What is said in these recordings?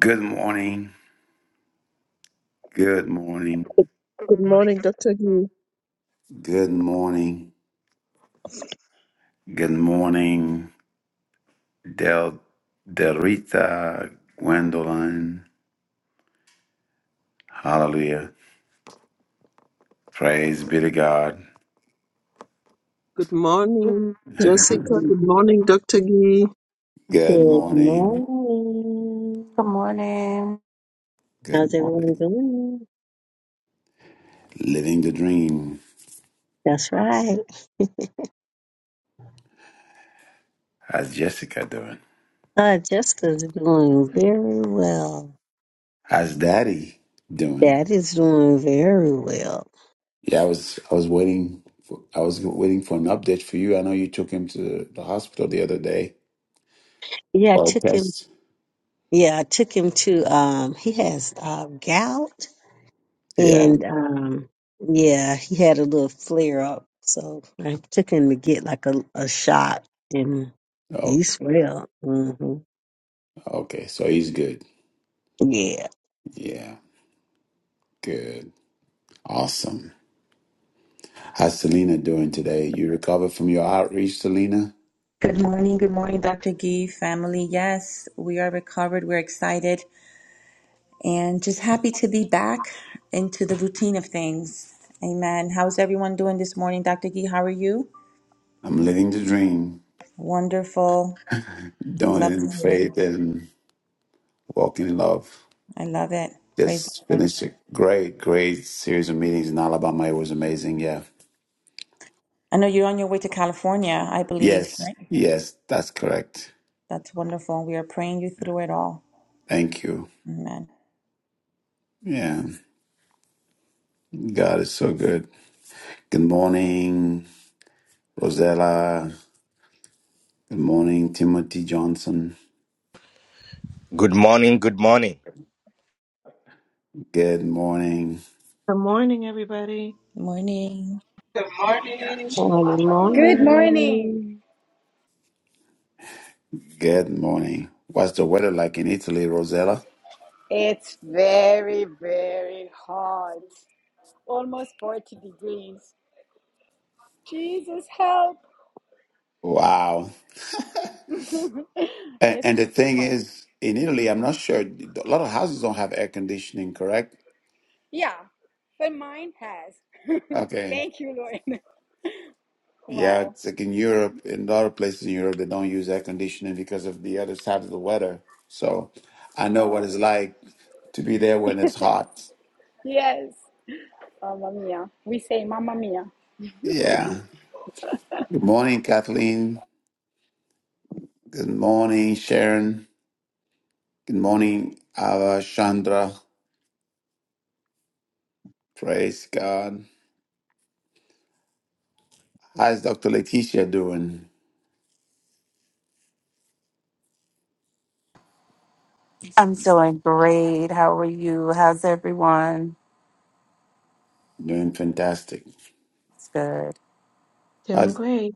Good morning. Good morning. Good morning, Dr. Gee. Good morning. Good morning, Del Delrita Gwendolyn. Hallelujah. Praise be to God. Good morning, Good Jessica. Good morning, Dr. Gee. Good morning. morning. Good morning. Good How's everyone morning. doing? Living the dream. That's right. How's Jessica doing? Uh, Jessica's doing very well. How's Daddy doing? Dad is doing very well. Yeah, I was I was waiting for I was waiting for an update for you. I know you took him to the hospital the other day Yeah, I for a took him. test. Yeah, I took him to. Um, he has uh, gout, Yeah. and um, yeah, he had a little flare up. So I took him to get like a, a shot, and Oh, he's well. hmm okay. So he's good. Yeah. Yeah, good. Awesome. How's Selena doing today? You recovered from your outreach, Selena? Good morning, good morning, Dr. Gee, family. Yes, we are recovered. We're excited and just happy to be back into the routine of things. Amen. How's everyone doing this morning, Dr. Gee? How are you? I'm living the dream, Wonderful. doing it Love in to hear it. faith and walking in love. I love it. Praise the Just Lord. finished a great, great series of meetings in Alabama. It was amazing. Yeah. I know you're on your way to California, I believe. Yes, Right. yes, that's correct. That's wonderful. We are praying you through it all. Thank you. Amen. Yeah, God is so good. Good morning, Rosella. Good morning, Timothy Johnson. Good morning, good morning. Good morning. Good morning, everybody. Morning. Good morning. Morning, Good morning. morning. Good morning. What's the weather like in Italy, Rosella? It's very, very hot. Almost 40 degrees. Jesus help. Wow. And, it's and the it's thing hot. is, in Italy, I'm not sure. A lot of houses don't have air conditioning, correct? Yeah. But mine has. Okay. Thank you, Lord. Yeah, Wow. it's like in Europe, in a lot of places in Europe, they don't use air conditioning because of the other side of the weather. So I know what it's Oh. like to be there when it's Yes. hot. Yes. Oh, Mamma mia. We say mamma mia. Yeah. Good morning, Kathleen. Good morning, Sharon. Good morning, Ava Chandra. Praise God. How's Dr. Leticia doing? I'm doing great. How are you? How's everyone? Doing fantastic. It's good. Doing How's, great.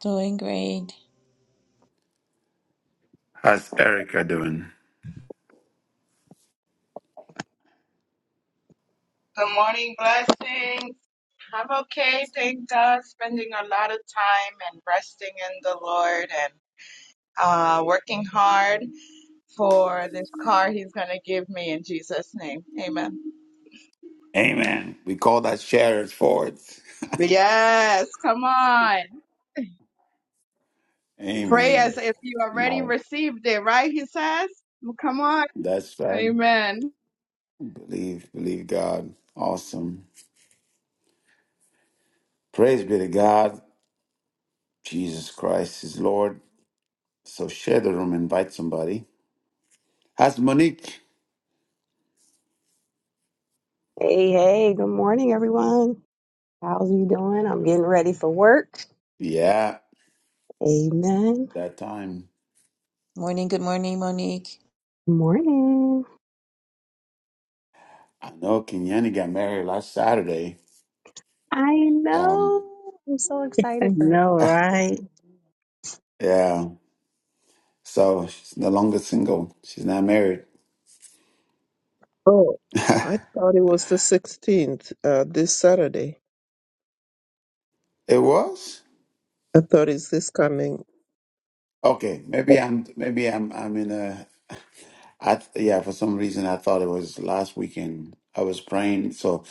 Doing great. how's Erica doing? Good morning, blessings. I'm okay. Thank God. Spending a lot of time and resting in the Lord and uh, working hard for this car He's going to give me in Jesus' name. Amen. Amen. We call that sharers forward. Yes, come on. Pray as Amen. if you already No, received it, right? He says. Well, Come on. that's right. Amen. Believe, believe God. Awesome. Praise be to God. Jesus Christ is Lord. So share the room, invite somebody. How's Monique? Hey, hey, good morning, everyone. How's you doing? I'm getting ready for work. Yeah, Amen. that time. Morning. Good morning, Monique. Morning. I know Kenyani got married last Saturday. I Um, know. I'm so excited for her. No, right? yeah. So she's no longer single. She's not married. Oh, I thought it was the 16th, uh, this Saturday. It was? I thought it's this coming. Okay, maybe I'm maybe I'm I'm in a I th- yeah, for some reason I thought it was last weekend. I was praying, so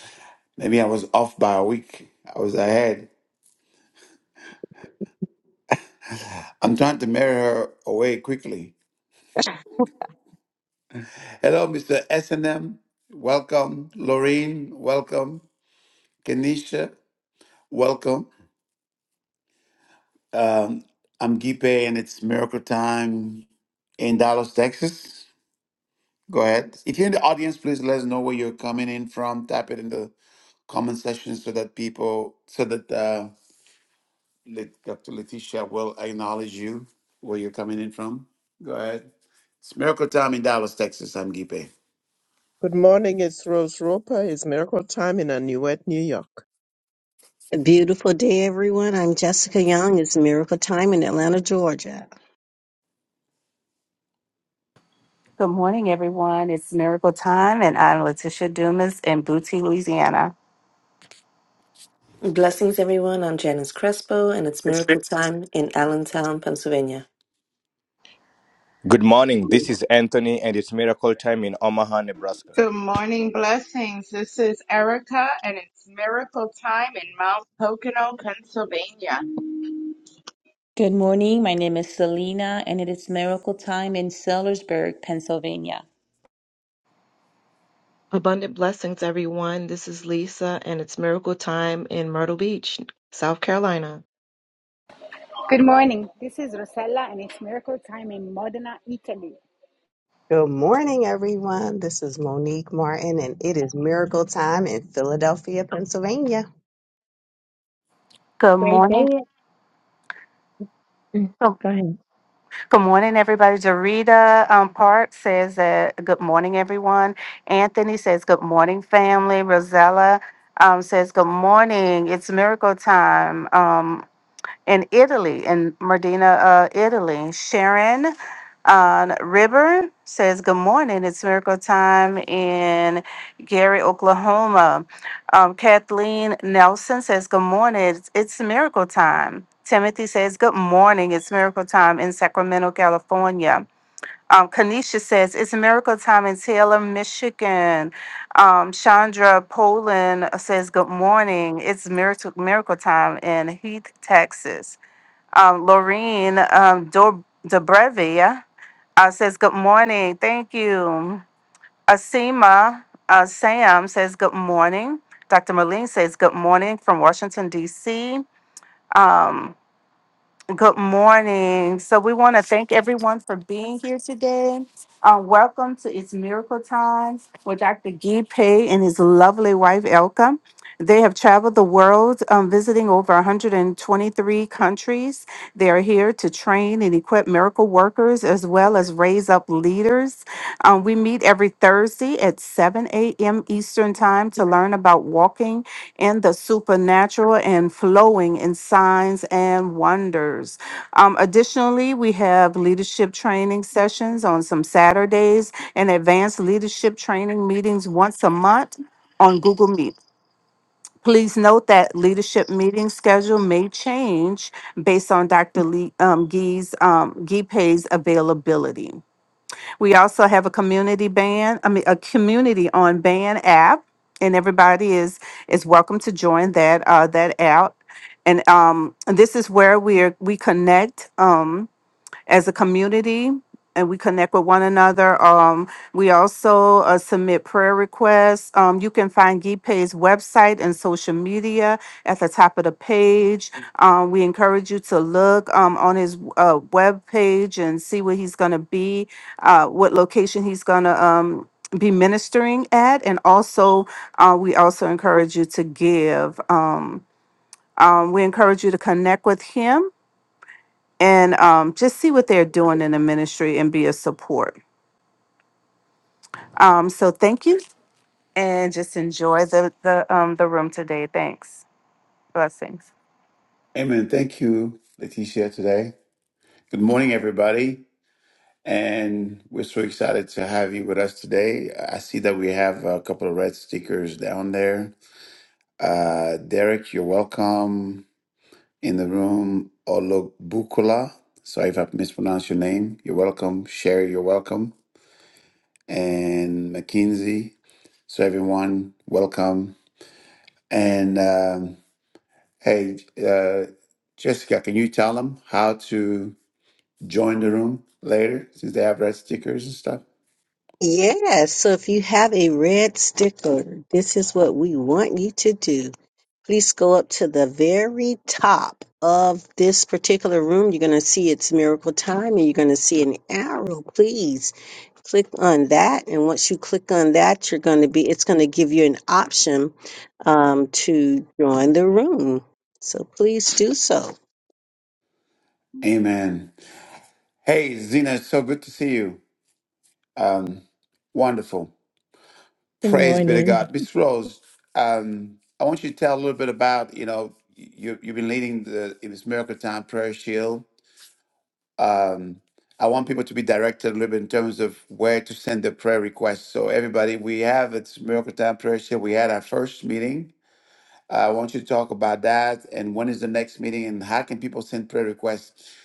maybe I was off by a week. I was ahead. I'm trying to marry her away quickly. Hello, Mr. S and M. Welcome, Lorraine. Welcome, Kenisha. Welcome. Um, I'm Gipe, and it's miracle time in Dallas, Texas. Go ahead. If you're in the audience, please let us know where you're coming in from. Type it in the comment section so that people, so that uh, Lit- Dr. Letitia will acknowledge you where you're coming in from. Go ahead. It's Miracle Time in Dallas, Texas. I'm Gipe. Good morning, it's Rose Roper. It's Miracle Time in Anuet, New York. A beautiful day, everyone. I'm Jessica Young. It's Miracle Time in Atlanta, Georgia. Good morning, everyone. It's Miracle Time, and I'm Letitia Dumas in Booty, Louisiana. Blessings, everyone. I'm Janice Crespo, and it's It's big. miracle time in Allentown, Pennsylvania. Good morning. This is Anthony, and it's miracle time in Omaha, Nebraska. Good morning, blessings. This is Erica, and it's miracle time in Mount Pocono, Pennsylvania. Good morning. My name is Selena, and it is miracle time in Sellersburg, Pennsylvania. Abundant blessings, everyone. This is Lisa, and it's miracle time in Myrtle Beach, South Carolina. Good morning. This is Rosella and it's miracle time in Modena, Italy. Good morning, everyone. This is Monique Martin, and it is miracle time in Philadelphia, Pennsylvania. Good Great morning. day. Mm, Good Go ahead. good morning, everybody. Jarita um, Park says that good morning, everyone. Anthony says good morning, family. Rosella um, says good morning. It's miracle time. Um, in Italy, in Modena, uh, Italy. Sharon uh, River says, Good morning. It's miracle time in Gary, Oklahoma. Um, Kathleen Nelson says, Good morning. It's, it's miracle time. Timothy says, Good morning. It's miracle time in Sacramento, California. Um, Kanisha says, It's miracle time in Taylor, Michigan. Um, Chandra Poland says, Good morning. It's miracle, miracle time in Heath, Texas. Um, Lorene um, Dor- Dobrevia uh, says, Good morning. Thank you. Asima uh, Sam says, Good morning. Dr. Marlene says, Good morning from Washington, D.C. Um, good morning. So, we want to thank everyone for being here today. Uh, welcome to It's Miracle Time with Dr. Guy Pay and his lovely wife, Elka. They have traveled the world, um, visiting over 123 countries. They are here to train and equip miracle workers as well as raise up leaders. Um, we meet every Thursday at 7 a.m. Eastern Time to learn about walking in the supernatural and flowing in signs and wonders. Um, additionally, we have leadership training sessions on some Saturdays and advanced leadership training meetings once a month on Google Meet. Please note that leadership meeting schedule may change based on Dr. Lee, um, Gee's, um, Geepe's availability. We also have a community band, I mean, a community on band app, and everybody is, is welcome to join that, uh, that app. And, um, this is where we are, we connect, um, as a community and we connect with one another. Um, we also uh, submit prayer requests. Um, you can find GPay's website and social media at the top of the page. Um, we encourage you to look um, on his uh, web page and see where he's going to be, uh, what location he's going to um, be ministering at, and also uh, we also encourage you to give. Um, um, we encourage you to connect with him and um, just see what they're doing in the ministry and be a support. Um, so thank you, and just enjoy the the um, the room today. Thanks, blessings. Amen. Thank you, Letitia, today. Good morning, everybody. And we're so excited to have you with us today. I see that we have a couple of red stickers down there. Uh, Derek, you're welcome in the room. Olobukula. Sorry if I mispronounced your name. You're welcome. Sherry, you're welcome. and McKinsey. So everyone, welcome. And um, hey, uh, Jessica, can you tell them how to join the room later since they have red stickers and stuff? Yes, so if you have a red sticker, this is what we want you to do. Please go up to the very top of this particular room. You're going to see it's Miracle Time and you're going to see an arrow. Please click on that. And once you click on that, you're going to be, it's going to give you an option um, to join the room. So please do so. Amen. Hey, Zena, it's so good to see you. Um, wonderful. Good Praise be to morning. God. Miss Rose, um, I want you to tell a little bit about, you know, you, you've been leading the It Was Miracle Time Prayer Shield um, I want people to be directed a little bit in terms of where to send their prayer requests. So everybody, we have it's Miracle Time Prayer Shield. We had our first meeting. Uh, I want you to talk about that and when is the next meeting and how can people send prayer requests.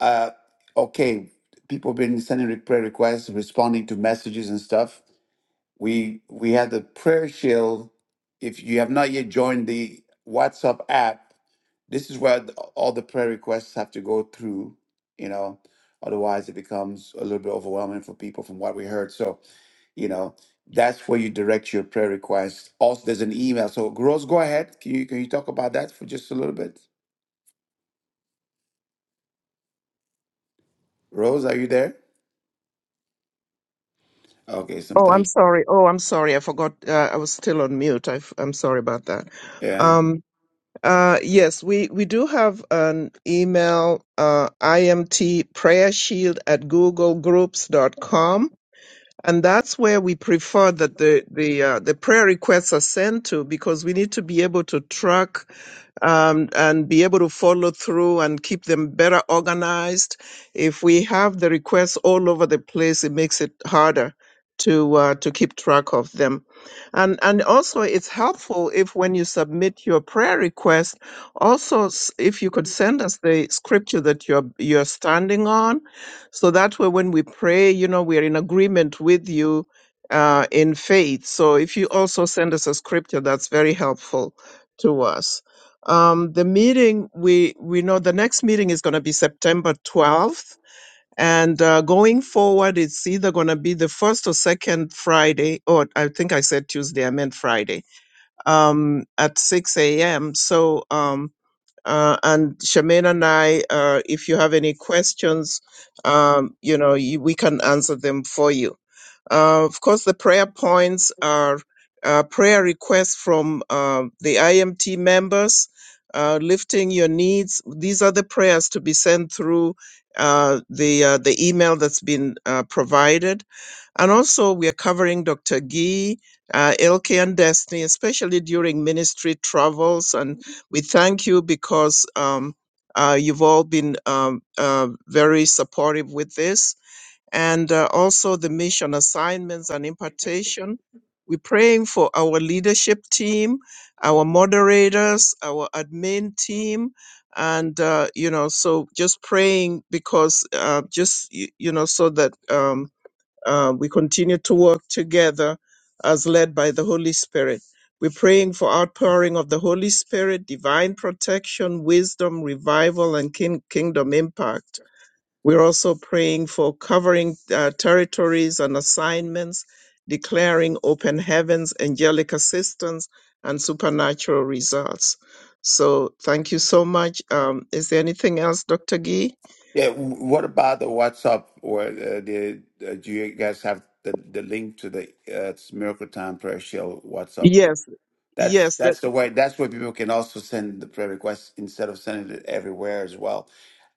Uh, okay, people been sending re- prayer requests, responding to messages and stuff. We we had the prayer shield. If you have not yet joined the WhatsApp app, this is where the, all the prayer requests have to go through, you know, otherwise it becomes a little bit overwhelming for people from what we heard. So, you know, that's where you direct your prayer requests. Also, there's an email. So, Rose, go ahead. Can you can you talk about that for just a little bit? Rose, are you there? Okay, Oh, I'm sometimes. sorry. Oh, I'm sorry. I forgot. Uh, I was still on mute. I, am sorry about that. Yeah. Um, uh, yes, we, we do have an email, uh, imt prayer shield at googlegroups.com. and that's where we prefer that the the uh, the prayer requests are sent to because we need to be able to track um, and be able to follow through and keep them better organized. If we have the requests all over the place, it makes it harder to uh, to keep track of them. And and also it's helpful if when you submit your prayer request, also s- if you could send us the scripture that you're you're standing on so that way when we pray you know we are in agreement with you uh, in faith so if you also send us a scripture that's very helpful to us um, the meeting we we know the next meeting is going to be september 12th and uh, going forward it's either going to be the first or second friday or i think i said tuesday i meant friday um, at 6 a.m so um, uh, and Shemaine and I, uh, if you have any questions, um, you know, you, we can answer them for you. Uh, of course, the prayer points are uh, prayer requests from uh, the IMT members, uh, lifting your needs. These are the prayers to be sent through uh, the uh, the email that's been uh, provided, and also we are covering Dr. Gee. Uh, LK and Destiny, especially during ministry travels. And we thank you because um, uh, you've all been um, uh, very supportive with this and uh, also the mission assignments and impartation. We're praying for our leadership team, our moderators, our admin team, and uh, you know, so just praying because uh, just y- you know, so that um, uh, we continue to work together as led by the Holy Spirit. We're praying for outpouring of the Holy Spirit, divine protection, wisdom, revival, and king- kingdom impact we're also praying for covering uh, territories and assignments, declaring open heavens, angelic assistance, and supernatural results. So thank you so much. Um, is there anything else, Dr. Gee? Yeah, w- what about the WhatsApp or uh, the uh, do you guys have the, the link to the uh, it's Miracle Time Prayer Shield WhatsApp group? Yes, That's yes. The, that's the way that's where people can also send the prayer requests instead of sending it everywhere as well.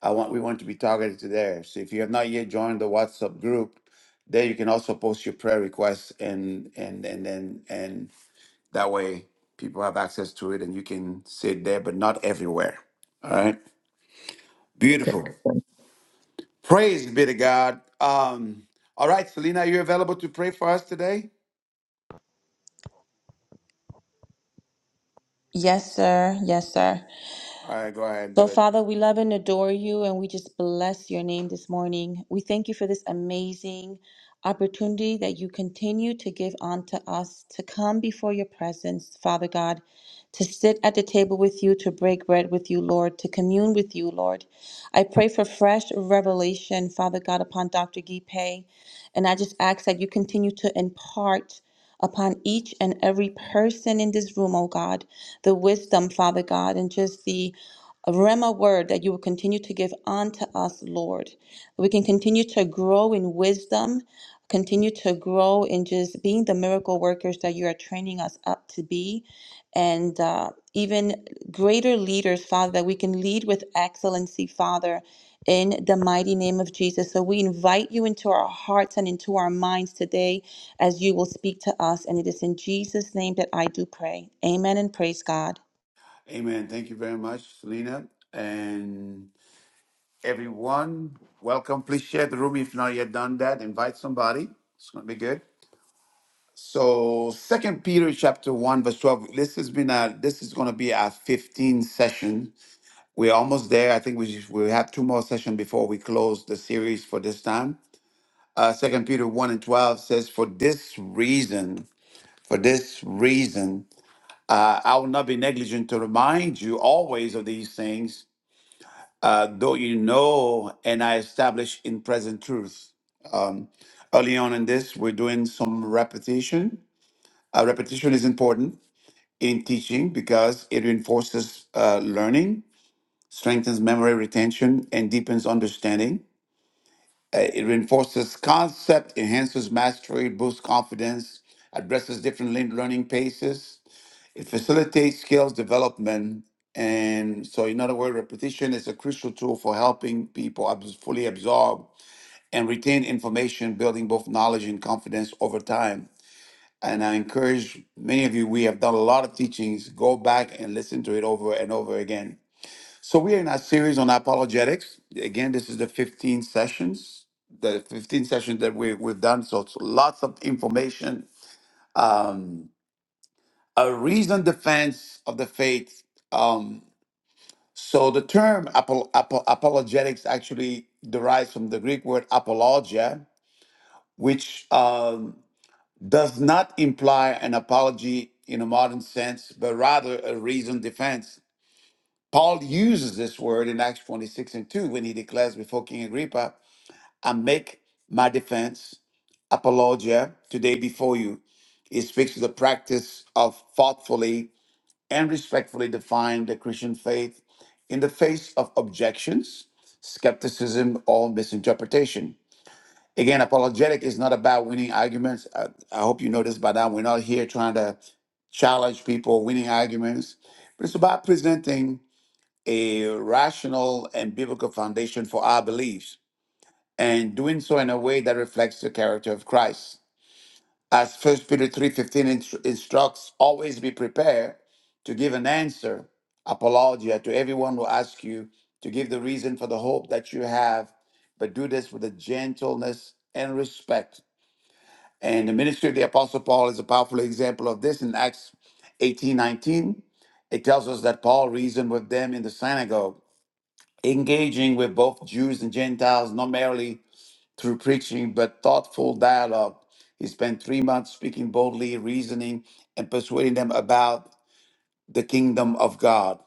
I want we want to be targeted to there. So if you have not yet joined the WhatsApp group, there you can also post your prayer requests and and and then and, and that way people have access to it and you can see it there, but not everywhere. All right. okay. thank- Beautiful. you. Praise be to God. Um, all right, Selena, are you available to pray for us today? Yes, sir. Yes, sir. All right, go ahead and So, do it. Father, we love and adore you, and we just bless your name this morning. We thank you for this amazing opportunity that you continue to give unto us to come before your presence, Father God, to sit at the table with you, to break bread with you, Lord, to commune with you, Lord. I pray for fresh revelation, Father God, upon Dr. Gipe, and I just ask that you continue to impart upon each and every person in this room, oh God, the wisdom, Father God, and just the a Rhema word that you will continue to give unto us, Lord. We can continue to grow in wisdom, continue to grow in just being the miracle workers that you are training us up to be, and uh, even greater leaders, Father, that we can lead with excellency, Father. In the mighty name of Jesus. So we invite you into our hearts and into our minds today as you will speak to us. And it is in Jesus' name that I do pray. Amen and praise God. Amen. Thank you very much, Selena. And everyone, welcome. Please share the room if not yet done that. Invite somebody. It's gonna be good. So Second Peter chapter one, verse twelve. This has been a this is gonna be our 15 session. We're almost there. I think we we have two more sessions before we close the series for this time. Uh, Second Peter one and twelve says, For this reason For this reason, uh, I will not be negligent to remind you always of these things, uh, though you know and I establish in present truth. Um, early on in this, we're doing some repetition. Uh, repetition is important in teaching because it reinforces uh, learning, strengthens memory retention, and deepens understanding. Uh, it reinforces concept, enhances mastery, boosts confidence, addresses different lean- learning paces, It facilitates skills development. And so, in other words, repetition is a crucial tool for helping people ab- fully absorb and retain information, building both knowledge and confidence over time. And I encourage many of you, we have done a lot of teachings, go back and listen to it over and over again. So, we are in our series on apologetics. Again, this is the 15 sessions, the 15 sessions that we, we've done. So, it's lots of information. Um, a reasoned defense of the faith. Um, so the term apo- apo- apologetics actually derives from the Greek word apologia, which um, does not imply an apology in a modern sense, but rather a reasoned defense. Paul uses this word in Acts 26 and 2 when he declares before King Agrippa, I make my defense, apologia, today before you. It speaks to the practice of thoughtfully and respectfully define the Christian faith in the face of objections, skepticism, or misinterpretation. Again, apologetic is not about winning arguments. I, I hope you know this by now. We're not here trying to challenge people, winning arguments, but it's about presenting a rational and biblical foundation for our beliefs and doing so in a way that reflects the character of Christ. As First Peter 3.15 inst- instructs, always be prepared to give an answer, apologia, to everyone who asks you to give the reason for the hope that you have, but do this with a gentleness and respect. And the ministry of the Apostle Paul is a powerful example of this in Acts 18 19, It tells us that Paul reasoned with them in the synagogue, engaging with both Jews and Gentiles, not merely through preaching but thoughtful dialogue. He spent three months speaking boldly, reasoning, and persuading them about the kingdom of God.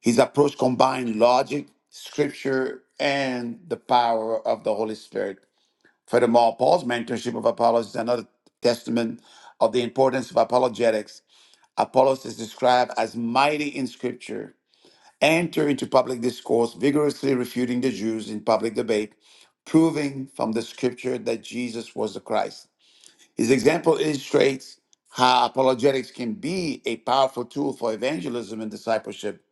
His approach combined logic, scripture, and the power of the Holy Spirit. Furthermore, Paul's mentorship of Apollos is another testament of the importance of apologetics. Apollos is described as mighty in scripture enter into public discourse, vigorously refuting the Jews in public debate, proving from the scripture that Jesus was the Christ. His example illustrates how apologetics can be a powerful tool for evangelism and discipleship,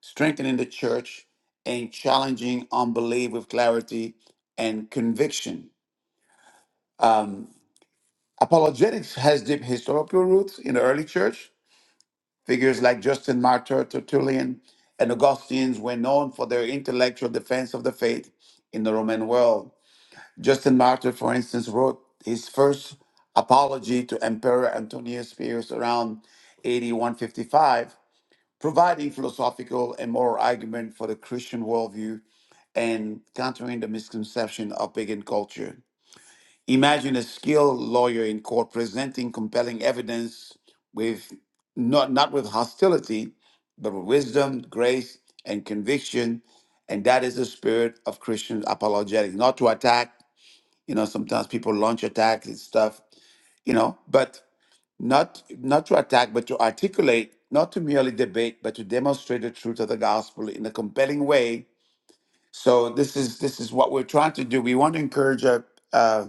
strengthening the church and challenging unbelief with clarity and conviction. Um, apologetics has deep historical roots in the early church Figures like Justin Martyr, Tertullian, and Augustine were known for their intellectual defense of the faith in the Roman world. Justin Martyr, for instance, wrote his first apology to Emperor Antonius Pius around AD 155, providing philosophical and moral argument for the Christian worldview and countering the misconception of pagan culture. Imagine a skilled lawyer in court presenting compelling evidence with not, not with hostility, but with wisdom, grace, and conviction. And that is the spirit of Christian apologetics. Not to attack, you know, sometimes people launch attacks and stuff, you know, but not not to attack, but to articulate, not to merely debate, but to demonstrate the truth of the gospel in a compelling way so this is this is what we're trying to do. We want to encourage our uh,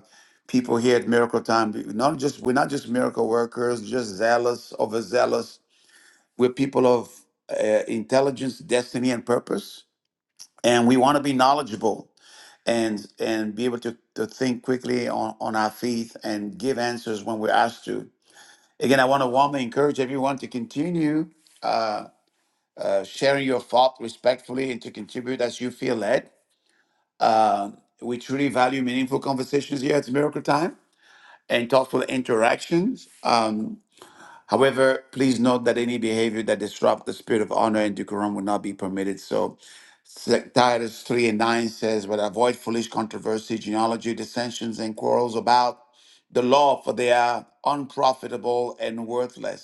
people here at Miracle Time. be- Not just we're not just miracle workers, just zealous, overzealous. We're people of uh, intelligence, destiny, and purpose, and we want to be knowledgeable and and be able to, to think quickly on, on our feet and give answers when we're asked to. Again, I want to warmly encourage everyone to continue uh, uh, sharing your thought respectfully and to contribute as you feel led. Um, we truly value meaningful conversations here at Miracle Time and thoughtful interactions. Um, however, please note that any behavior that disrupts the spirit of honor and decorum will not be permitted. So, Sec- Titus 3 and 9 says, But avoid foolish controversy, genealogy, dissensions, and quarrels about the law, for they are unprofitable and worthless.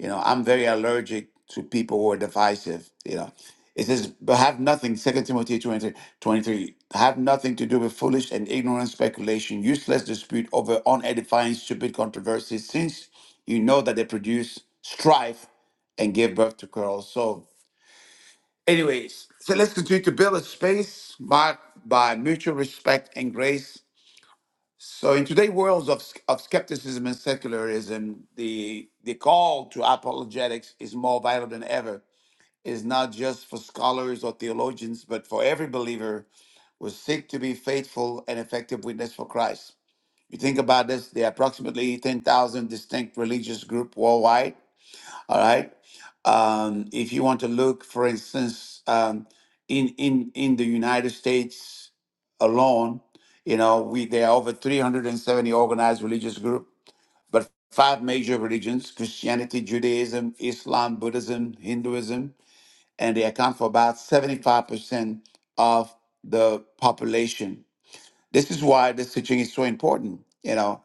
You know, I'm very allergic to people who are divisive. You know, it says, but have nothing, Second Timothy 23, twenty-three, have nothing to do with foolish and ignorant speculation, useless dispute over unedifying, stupid controversies, since you know that they produce strife and give birth to quarrels. So, anyways, so let's continue to build a space marked by mutual respect and grace so in today's world of, of skepticism and secularism, the the call to apologetics is more vital than ever. It is not just for scholars or theologians, but for every believer who seek to be faithful and effective witness for Christ. You think about this, there are approximately 10,000 distinct religious groups worldwide, all right. Um, if you want to look, for instance, um, in in in the United States alone, you know, we there are over 370 organized religious groups, but five major religions: Christianity, Judaism, Islam, Buddhism, Hinduism, and they account for about 75 percent of the population. This is why this teaching is so important. You know,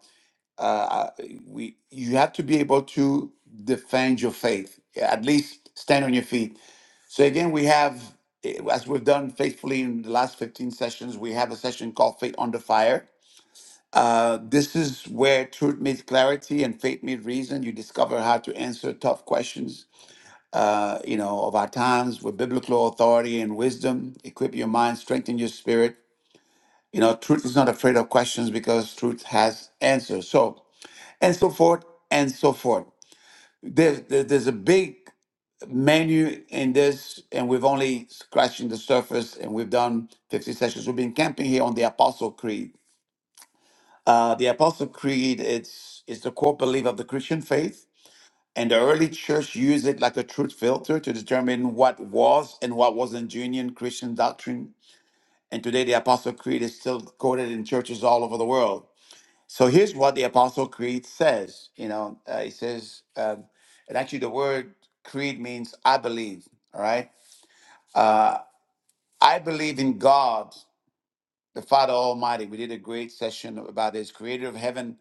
uh, we you have to be able to defend your faith at least stand on your feet so again we have eh, as we've done faithfully in the last 15 sessions we have a session called faith under fire uh, this is where truth meets clarity and faith meets reason you discover how to answer tough questions uh, you know of our times with biblical authority and wisdom equip your mind strengthen your spirit you know truth is not afraid of questions because truth has answers so and so forth and so forth there's there- there's a big menu in this and we've only scratching the surface and we've done 50 sessions we've been camping here on the apostle creed uh, the apostle creed it's it's the core belief of the christian faith and the early church used it like a truth filter to determine what was and what wasn't genuine christian doctrine and today the apostle creed is still quoted in churches all over the world so here's what the Apostle Creed says. You know, uh, it says, um, and actually, the word creed means I believe. All right, uh, I believe in God, the Father Almighty. We did a great session about this, Creator of heaven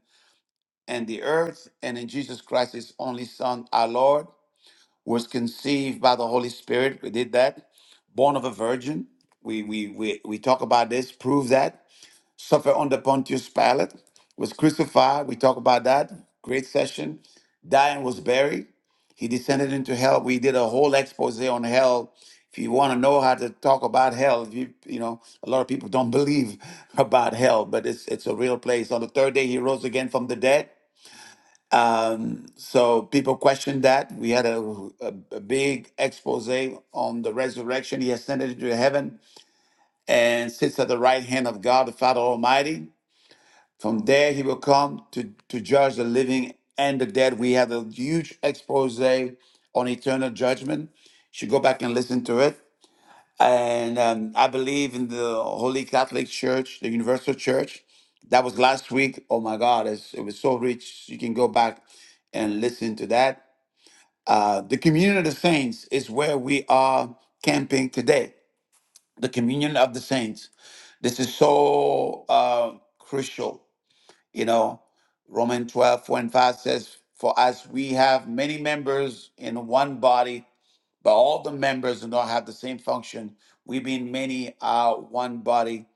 and the earth, and in Jesus Christ, His only Son, our Lord, was conceived by the Holy Spirit. We did that, born of a virgin. We we we we talk about this, prove that. suffered under Pontius Pilate, was crucified. We talk about that. Great session. Died and was buried. He descended into hell. We did a whole expose on hell. If you want to know how to talk about hell, if you you know a lot of people don't believe about hell, but it's it's a real place. On the third day, he rose again from the dead. Um, so people questioned that. We had a, a, a big expose on the resurrection. He ascended into heaven and sits at the right hand of God, the Father Almighty. From there, he will come to, to judge the living and the dead. We have a huge expose on eternal judgment. You should go back and listen to it. And um, I believe in the Holy Catholic Church, the Universal Church. That was last week. Oh my God, it's, it was so rich. You can go back and listen to that. Uh, the communion of the saints is where we are camping today. The communion of the saints. This is so uh, crucial you know, Romans 12, 4 and 5 says, For as we have many members in one body, but all the members do not have the same function, we being many are one body.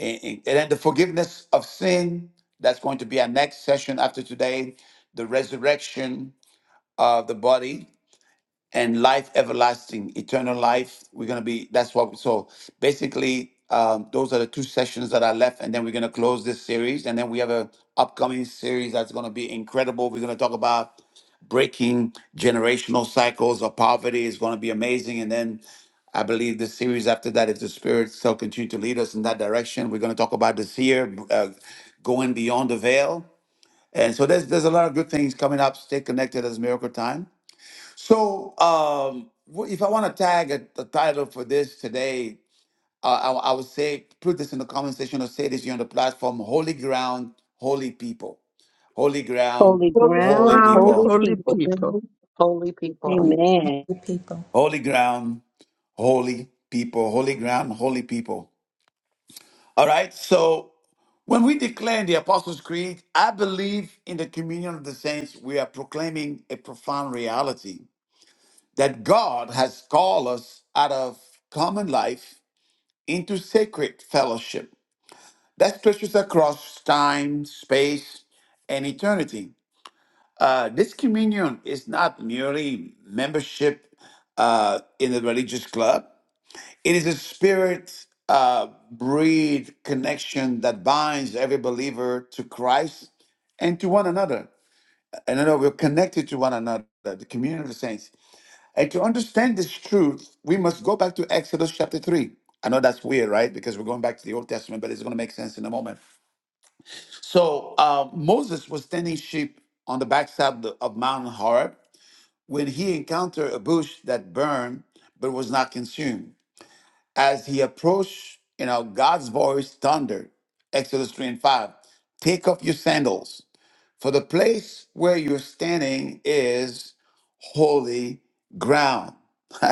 And, and and then the forgiveness of sin, that's going to be our next session after today, the resurrection of the body and life everlasting, eternal life. We're gonna be that's what. So basically, um, those are the two sessions that are left, and then we're gonna close this series, and then we have a upcoming series that's gonna be incredible. We're gonna talk about breaking generational cycles of poverty. It's gonna be amazing, and then. I believe the series after that, if the Spirit still continue to lead us in that direction, we're going to talk about this year, uh, going beyond the veil. And so there's there's a lot of good things coming up. Stay connected as Miracle Time. So, um, wh- if I want to tag a, a title for this today, uh, I, I would say put this in the comment section or say this here on the platform: Holy ground, holy people. Holy Holy ground, Holy holy ground, ground, holy people. holy people. people. Mhm. Holy All people, Amen. you people. Holy ground, holy people. Holy ground, holy people. All right. So, when we declare in the Apostles' Creed, I believe in the communion of the saints, we are proclaiming a profound reality that God has called us out of common life into sacred fellowship that stretches across time, space, and eternity. Uh, this communion is not merely membership uh, in a religious club, it is a spirit uh, breed connection that binds every believer to Christ and to one another. And I know we're connected to one another, the community of the saints. And to understand this truth, we must go back to Exodus chapter 3. I know that's weird, right? Because we're going back to the Old Testament, but it's going to make sense in a moment. So uh, Moses was tending sheep on the backside of, the, of Mount Horeb when he encountered a bush that burned but was not consumed. As he approached, you know, God's voice thundered, Exodus 3 and 5, take off your sandals, for the place where you're standing is holy ground.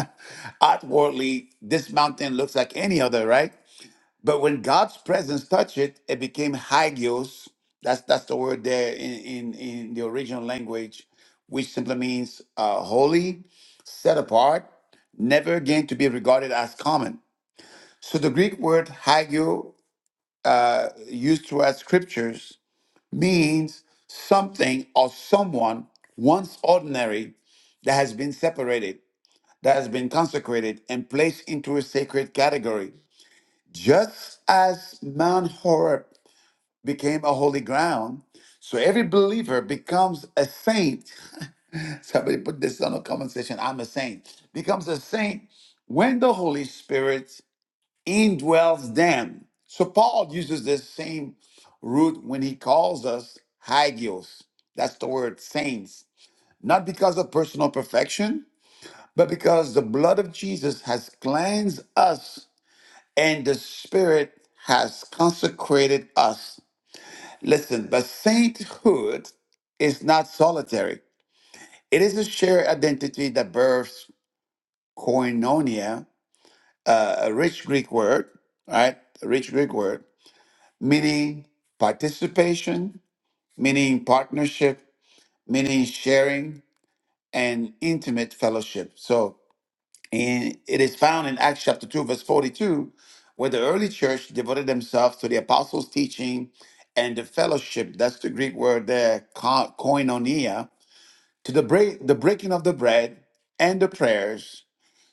Outwardly, this mountain looks like any other, right? But when God's presence touched it, it became hagios. That's that's the word there in, in, in the original language, which simply means uh, holy, set apart, never again to be regarded as common. So the Greek word hagio, uh, used throughout scriptures, means something or someone once ordinary that has been separated that has been consecrated and placed into a sacred category. Just as Mount Horeb became a holy ground, so every believer becomes a saint. Somebody put this on a comment section I'm a saint. Becomes a saint when the Holy Spirit indwells them. So Paul uses this same root when he calls us hagios. That's the word saints. Not because of personal perfection, but because the blood of Jesus has cleansed us and the Spirit has consecrated us. Listen, the sainthood is not solitary, it is a shared identity that births koinonia, uh, a rich Greek word, right? A rich Greek word, meaning participation, meaning partnership, meaning sharing, and intimate fellowship. So, And it is found in Acts chapter 2, verse 42, where the early church devoted themselves to the apostles' teaching and the fellowship. That's the Greek word there, ko- koinonia, to the, break, the breaking of the bread and the prayers.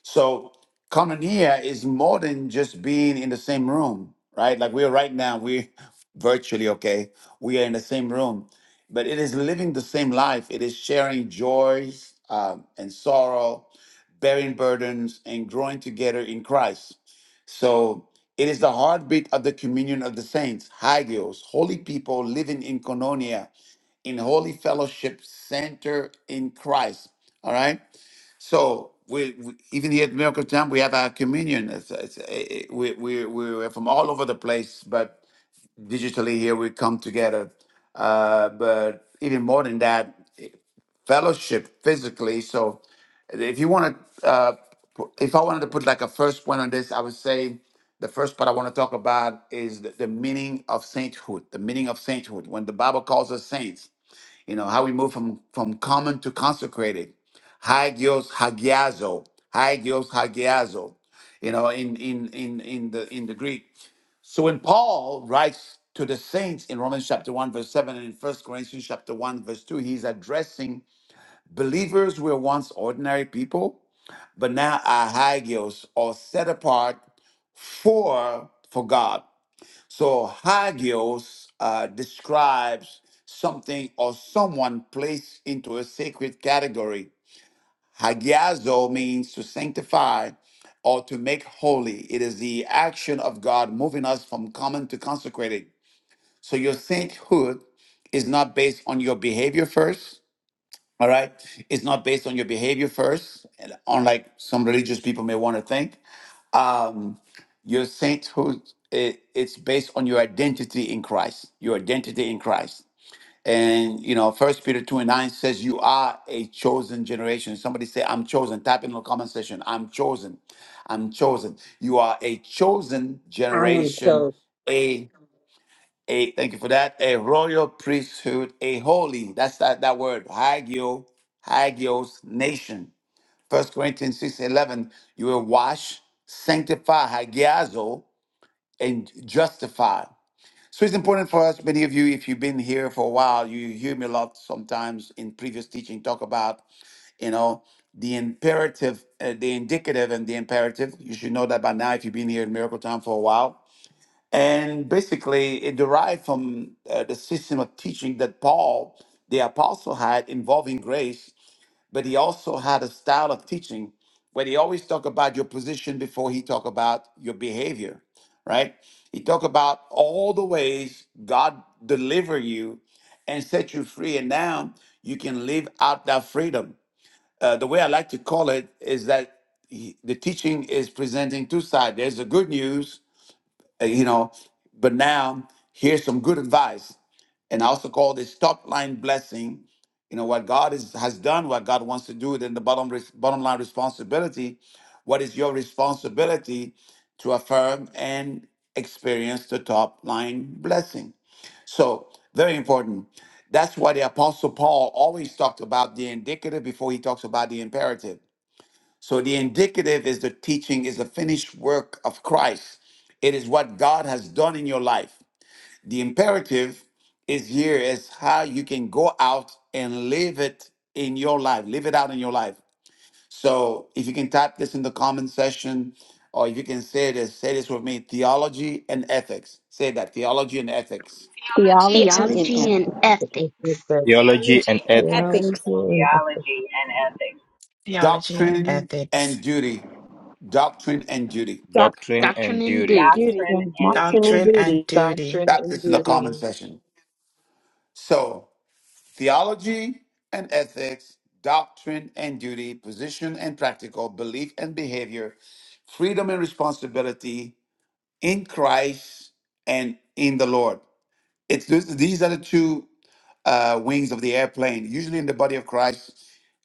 So, koinonia is more than just being in the same room, right? Like we are right now, we virtually okay, we are in the same room, but it is living the same life, it is sharing joys um, and sorrow bearing burdens, and growing together in Christ. So it is the heartbeat of the communion of the saints, hagios, holy people living in Cononia, in holy fellowship center in Christ. All right. So we, we even here at Miracle Time, we have our communion. It's, it's, eh, eh, we, we, we're from all over the place, but digitally here we come together. Uh, but even more than that, fellowship physically. So if you want to, uh, pu- if I wanted to put like a first point on this, I would say the first part I want to talk about is the, the meaning of sainthood. The meaning of sainthood. When the Bible calls us saints, you know how we move from from common to consecrated. Hagios hagiazo. Hagios hagiazo. You know, in in in in the in the Greek. So when Paul writes to the saints in Romans chapter 1, verse 7, and in First Corinthians chapter 1, verse 2, he's addressing Believers were once ordinary people, but now are hagios or set apart for for God. So hagios uh, describes something or someone placed into a sacred category. Hagiazo means to sanctify or to make holy. It is the action of God moving us from common to consecrated. So your sainthood is not based on your behavior first, all right. It's not based on your behavior first, and unlike some religious people may want to think. Um, your sainthood, it, it's based on your identity in Christ, your identity in Christ. And, you know, First Peter 2 and 9 says you are a chosen generation. Somebody say, I'm chosen. Type in the comment section, I'm chosen. I'm chosen. You are a chosen I am generation, so a thank you for that a royal priesthood a holy that's that that word hagio hagios nation first corinthians 6 11. you will wash sanctify hagiazo and justify so it's important for us many of you if you've been here for a while you hear me a lot sometimes in previous teaching talk about you know the imperative uh, the indicative and the imperative you should know that by now if you've been here in miracle time for a while and basically it derived from uh, the system of teaching that paul the apostle had involving grace but he also had a style of teaching where he always talked about your position before he talked about your behavior right he talked about all the ways god deliver you and set you free and now you can live out that freedom uh, the way i like to call it is that he- the teaching is presenting two sides there's the good news uh, you know. But now, here's some good advice, and I also call this top line blessing. You know what God is, has done, what God wants to do. Then the bottom res- bottom line responsibility. What is your responsibility to affirm and experience the top line blessing? So very important. That's why the Apostle Paul always talked about the indicative before he talks about the imperative. So the indicative is the teaching is the finished work of Christ. It is what God has done in your life. The imperative is here is how you can go out and live it in your life, live it out in your life. So if you can type this in the comment section, or if you can say this, say this with me: theology and ethics. Say that theology and ethics, Theology and, theology in Theology and and action. Ethics, Theology and theology and ethics, Theology ethics, and Theology and doctrine Ethics, and duty, doctrine and duty. doctrine doctrine Doctrine and and duty. and Duty. duty. Well, Watching and Doctrine and duty. Duty. doctrine Type and this in the comment beauty. section. So theology and ethics, doctrine and duty, position and practical, belief and behavior, freedom and responsibility in Christ and in the Lord. It's this, these are the two uh, wings of the airplane. Usually in the body of Christ,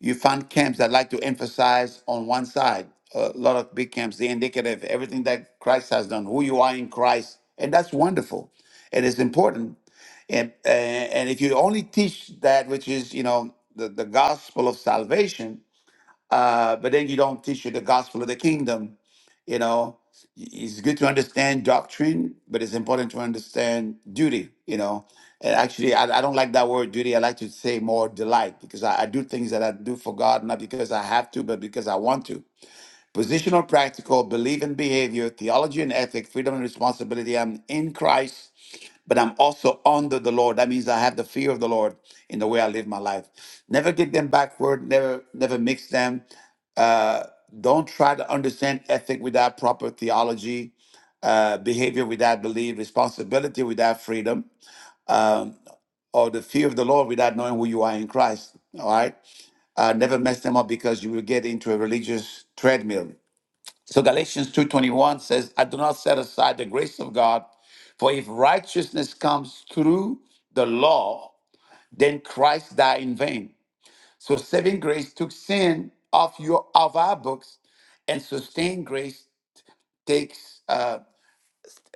you find camps that like to emphasize on one side. A lot of big camps, the indicative, everything that Christ has done, who you are in Christ, and that's wonderful. It is important and, and and if you only teach that which is, you know, the, the gospel of salvation, uh, but then you don't teach you the gospel of the kingdom, you know, it's good to understand doctrine, but it's important to understand duty, you know. And actually, I, I don't like that word duty. I like to say more delight because I, I do things that I do for God, not because I have to, but because I want to Positional, practical, belief and behavior, theology and ethic, freedom and responsibility. I'm in Christ, but I'm also under the Lord. That means I have the fear of the Lord in the way I live my life. Never get them backward. Never, never mix them. Uh, don't try to understand ethic without proper theology, uh, behavior without belief, responsibility without freedom, um, or the fear of the Lord without knowing who you are in Christ. All right. Uh, never mess them up because you will get into a religious treadmill. So Galatians 2:21 says, "I do not set aside the grace of God, for if righteousness comes through the law, then Christ died in vain." So saving grace took sin off your of our books, and sustained grace takes uh,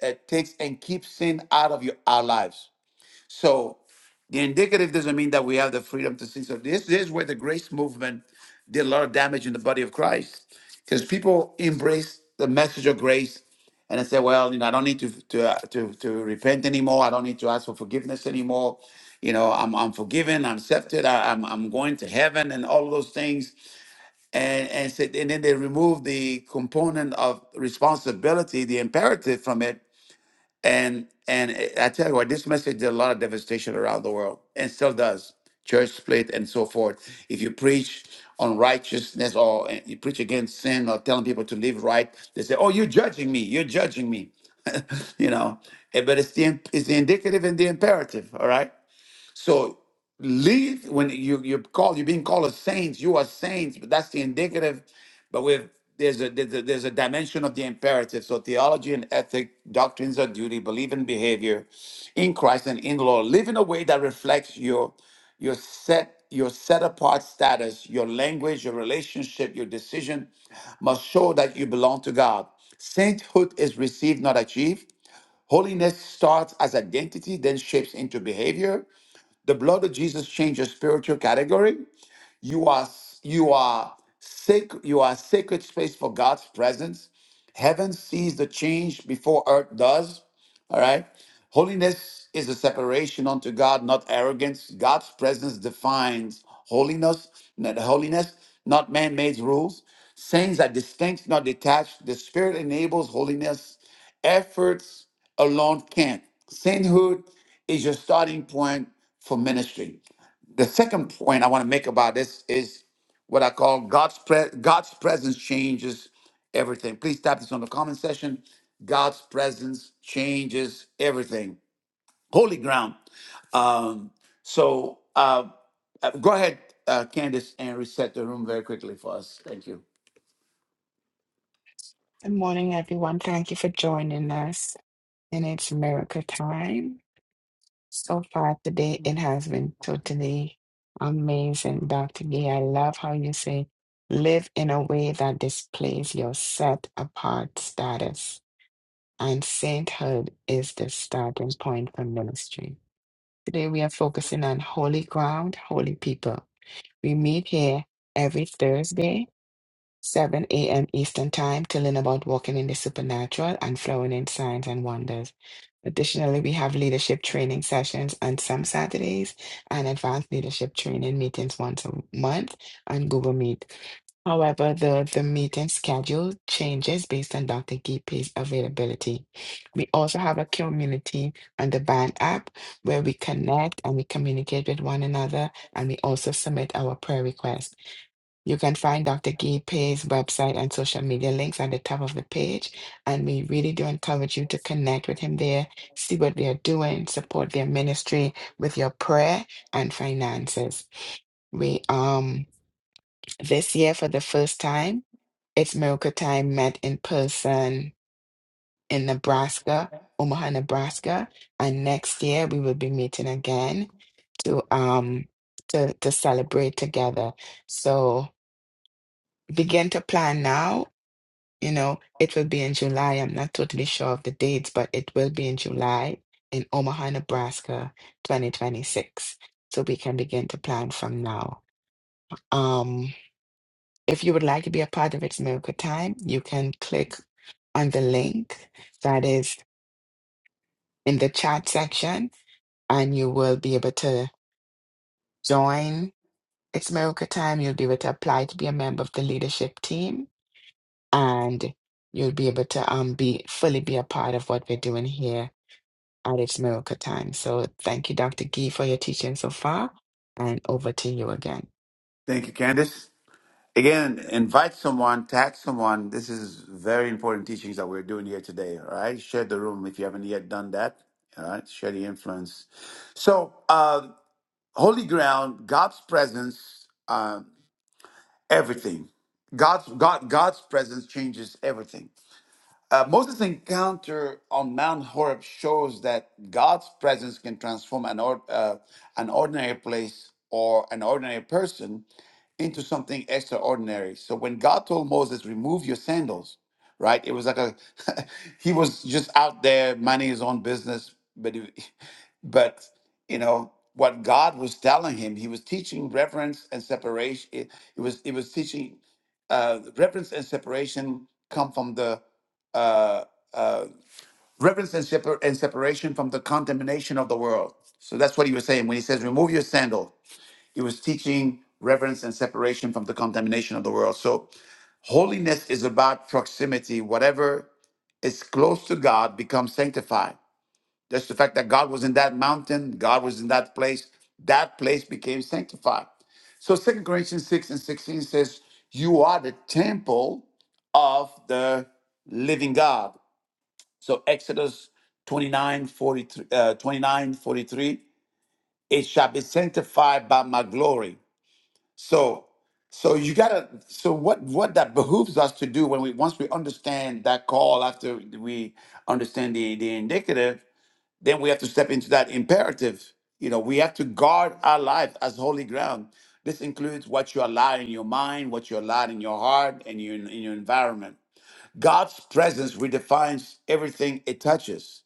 uh, takes and keeps sin out of your our lives. So the indicative doesn't mean that we have the freedom to sin. So this, this is where the grace movement did a lot of damage in the body of Christ because people embrace the message of grace and they say, well, you know, I don't need to to uh, to to repent anymore. I don't need to ask for forgiveness anymore. You know, I'm I'm forgiven. I'm accepted. I, I'm I'm going to heaven and all of those things. And and said, and then they remove the component of responsibility, the imperative from it, and and I tell you what, this message did a lot of devastation around the world and still does. Church split and so forth. If you preach on righteousness or eh, you preach against sin or telling people to live right, they say, "Oh, you're judging me. You're judging me." you know, Eh, but it's the it's the indicative and the imperative. All right. So lead when you you're called, you're being called as saints. You are saints, but that's the indicative. But with there's a there's a there's a dimension of the imperative. So theology and ethic, doctrines or duty, belief and behavior in Christ and in the Lord. Live in a way that reflects your your set your set apart status, your language, your relationship, your decision must show that you belong to God. Sainthood is received, not achieved. Holiness starts as identity, then shapes into behavior. The blood of Jesus changed your spiritual category. You are you are sacred. You are a sacred space for God's presence. Heaven sees the change before earth does. All right. Holiness is a separation unto God, not arrogance. God's presence defines holiness, not holiness, not man-made rules. Saints are distinct, not detached. The Spirit enables holiness. Efforts alone can't. Sainthood is your starting point for ministry. The second point I want to make about this is what I call God's pre- God's presence changes everything. Please type this on the comment section. God's presence changes everything. Holy ground. Um, so uh, uh, go ahead, uh, Candice, and reset the room very quickly for us. Thank you. Good morning, everyone. Thank you for joining us. And it's miracle time. So far today, it has been totally amazing, Dr. Gee. I love how you say, live in a way that displays your set apart status. And sainthood is the starting point for ministry. Today, we are focusing on holy ground, holy people. We meet here every Thursday 7 a.m. Eastern Time to learn about walking in the supernatural and flowing in signs and wonders. Additionally, we have leadership training sessions on some Saturdays and advanced leadership training meetings once a month on Google Meet. However, the, the meeting schedule changes based on Dr. Gipe's availability. We also have a community on the band app where we connect and we communicate with one another and we also submit our prayer requests. You can find Dr. Gipe's website and social media links at the top of the page. And we really do encourage you to connect with him there, see what they are doing, support their ministry with your prayer and finances. We um this year for the first time, it's Miracle Time met in person in Nebraska, Omaha, Nebraska. And next year we will be meeting again to um to to celebrate together. So begin to plan now You know, it will be in July. I'm not totally sure of the dates, but it will be in July in Omaha, Nebraska, 2026. So we can begin to plan from now. Um, if you would like to be a part of It's Miracle Time, you can click on the link that is in the chat section and you will be able to join It's Miracle Time. You'll be able to apply to be a member of the leadership team and you'll be able to um be fully be a part of what we're doing here at its miracle time. So thank you, Dr. Gee, for your teaching so far, and over to you again. Thank you, Candice. Again, invite someone, tag someone. This is very important teachings that we're doing here today. All right, share the room if you haven't yet done that. All right, share the influence. So, uh, holy ground, God's presence, uh, everything. God's God God's presence changes everything. Uh, Moses' encounter on Mount Horeb shows that God's presence can transform an or, uh, an ordinary place or an ordinary person into something extraordinary. So when God told Moses, remove your sandals, right? It was like a he was just out there minding his own business, but he, but you know what God was telling him, he was teaching reverence and separation. It, it was it was teaching uh, reverence and separation come from the uh, uh, reverence and, separ- and separation from the contamination of the world. So that's what he was saying when he says, remove your sandal. He was teaching reverence and separation from the contamination of the world. So, holiness is about proximity. Whatever is close to God becomes sanctified. Just the fact that God was in that mountain, God was in that place, that place became sanctified. So, Second Corinthians 6 and 16 says, You are the temple of the living God. So, Exodus 29 forty-three, uh, 29 forty-three, it shall be sanctified by my glory. So so you gotta so what what that behooves us to do when we once we understand that call after we understand the the indicative, then we have to step into that imperative. You know, we have to guard our life as holy ground. This includes what you allow in your mind, what you allow in your heart, and your in your environment. God's presence redefines everything it touches.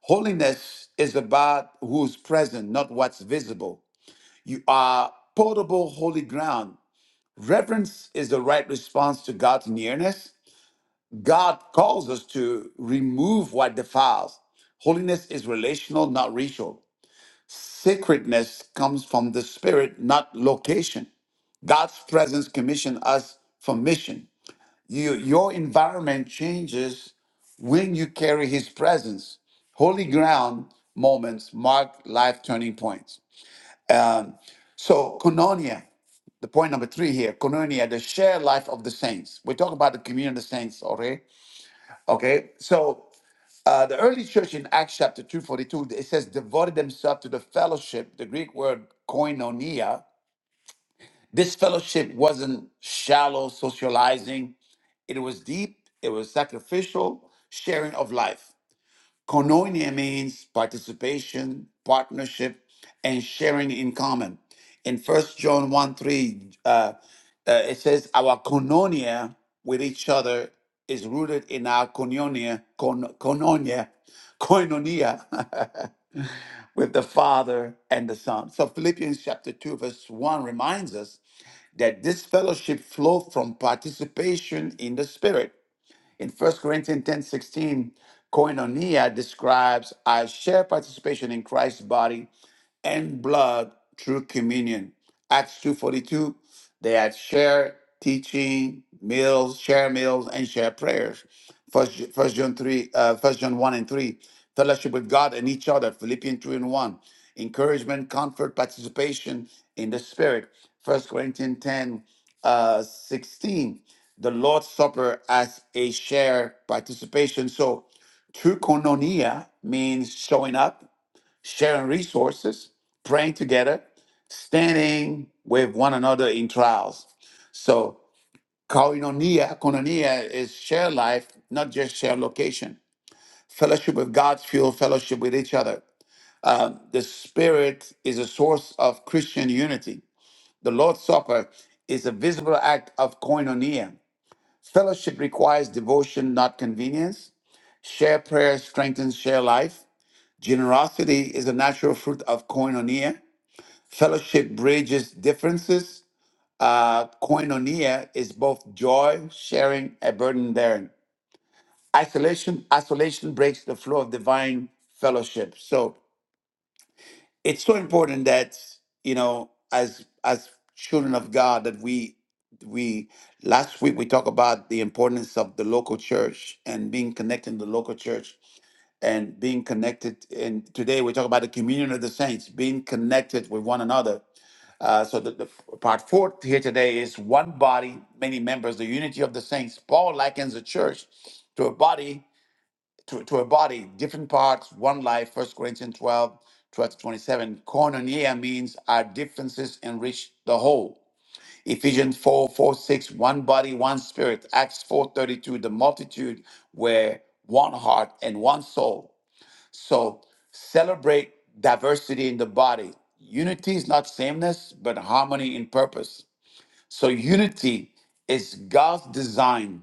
Holiness is about who's present, not what's visible. You are potable holy ground Reverence is the right response to God's nearness. God calls us to remove what defiles. Holiness is relational, not ritual. Sacredness comes from the spirit, not location. God's presence commissions us for mission. You, your environment changes when you carry his presence. Holy ground moments mark life turning points. Um, so, koinonia. Point number three here, koinonia, the shared life of the saints. We talk about the communion of the saints, already. Okay, so uh, the early church in Acts chapter 2.42, it says devoted themselves to the fellowship, the Greek word koinonia. This fellowship wasn't shallow socializing. It was deep, it was sacrificial sharing of life. Koinonia means participation, partnership, and sharing in common. In First John 1 3, uh, uh, it says, Our koinonia with each other is rooted in our koinonia, kon- koinonia, koinonia with the Father and the Son. So Philippians chapter 2, verse 1 reminds us that this fellowship flows from participation in the Spirit. In First Corinthians ten sixteen, 16, koinonia describes our shared participation in Christ's body and blood through communion. Acts 2.42, they had shared teaching, meals, share meals, and share prayers. First, First John 3, uh, First John 1 and 3, fellowship with God and each other, Philippians 2 and 1, encouragement, comfort, participation in the Spirit, First Corinthians 10, uh, 16, the Lord's Supper as a share participation. So true koinonia means showing up, sharing resources, praying together, standing with one another in trials. So, koinonia, koinonia is share life, not just share location. Fellowship with God's fuel, fellowship with each other. Um, the Spirit is a source of Christian unity. The Lord's Supper is a visible act of koinonia. Fellowship requires devotion, not convenience. Share prayer strengthens share life. Generosity is a natural fruit of koinonia. Fellowship bridges differences. Uh, koinonia is both joy, sharing, a burden bearing. Isolation, isolation breaks the flow of divine fellowship. So it's so important that you know, as as children of God, that we we last week we talked about the importance of the local church and being connected to the local church and being connected. And today we talk about the communion of the saints, being connected with one another Uh, so the, the part four here today is one body, many members, the unity of the saints. Paul likens the church to a body, to, to a body, different parts, one life, First Corinthians 12, twelve to 27. Koinonia means our differences enrich the whole. Ephesians four four six, one body, one spirit. Acts 4 32, the multitude were one heart and one soul. So celebrate diversity in the body. Unity is not sameness, but harmony in purpose. So unity is God's design.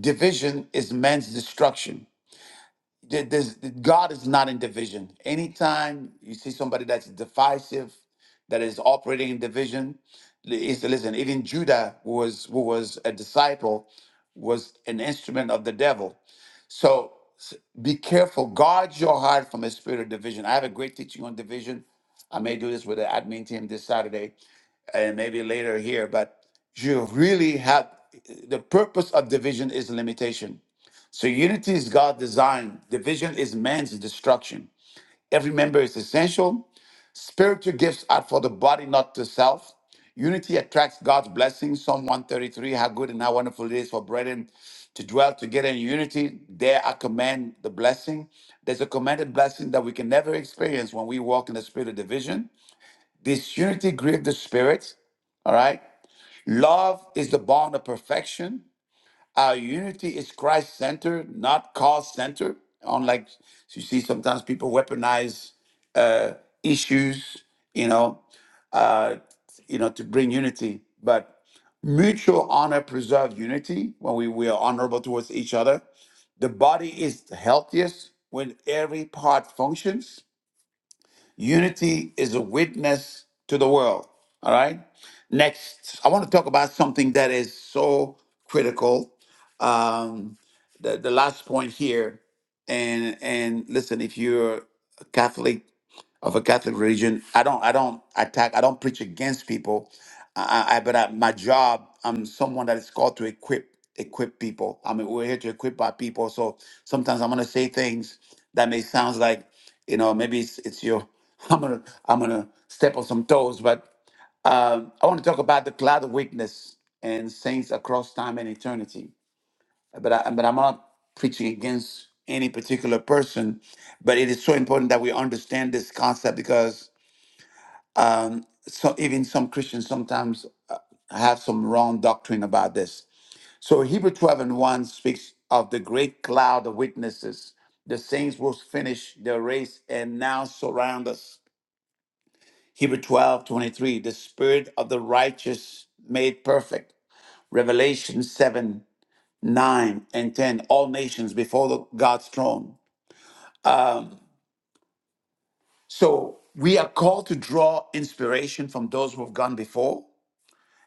Division is man's destruction. There- there's- God is not in division. Anytime you see somebody that's divisive, that is operating in division, li- is listen. Even Judah, who was who was a disciple, was an instrument of the devil so s- be careful. Guard your heart from a spirit of division. I have a great teaching on division. I may do this with the admin team this Saturday and maybe later here, but you really have the purpose of division is limitation. So unity is God's design, division is man's destruction. Every member is essential, Spiritual gifts are for the body, not to self. Unity attracts God's blessings. Psalm 133 How good and how wonderful it is for brethren to dwell together in unity. There I command the blessing. There's a commanded blessing that we can never experience when we walk in the spirit of division. This unity grieves the spirit. All right. Love is the bond of perfection. Our unity is Christ centered, not cause centered. Unlike you see, sometimes people weaponize uh, issues, you know uh, you know, to bring unity. But mutual honor preserves unity when we, we are honorable towards each other. The body is healthiest when every part functions. Unity is a witness to the world. All right. Next, I want to talk about something that is so critical. Um, the, the last point here, and and listen, if you're a Catholic of a Catholic religion. I don't I don't attack. I don't preach against people. I, I I- but I, my job, I'm someone that is called to equip equip people. I mean, we're here to equip our people. So sometimes I'm gonna say things that may sound like you know maybe it's it's your I'm gonna I'm gonna step on some toes, but um, I want to talk about the cloud of witness and saints across time and eternity. But I, but I'm not preaching against any particular person, but it is so important that we understand this concept because um, so even some Christians sometimes uh, have some wrong doctrine about this. So Hebrew 12 and 1 speaks of the great cloud of witnesses. The saints will finish their race and now surround us. Hebrew 12 23. the spirit of the righteous made perfect. Revelation 7, 9, and 10, all nations before the, God's throne. So we are called to draw inspiration from those who have gone before,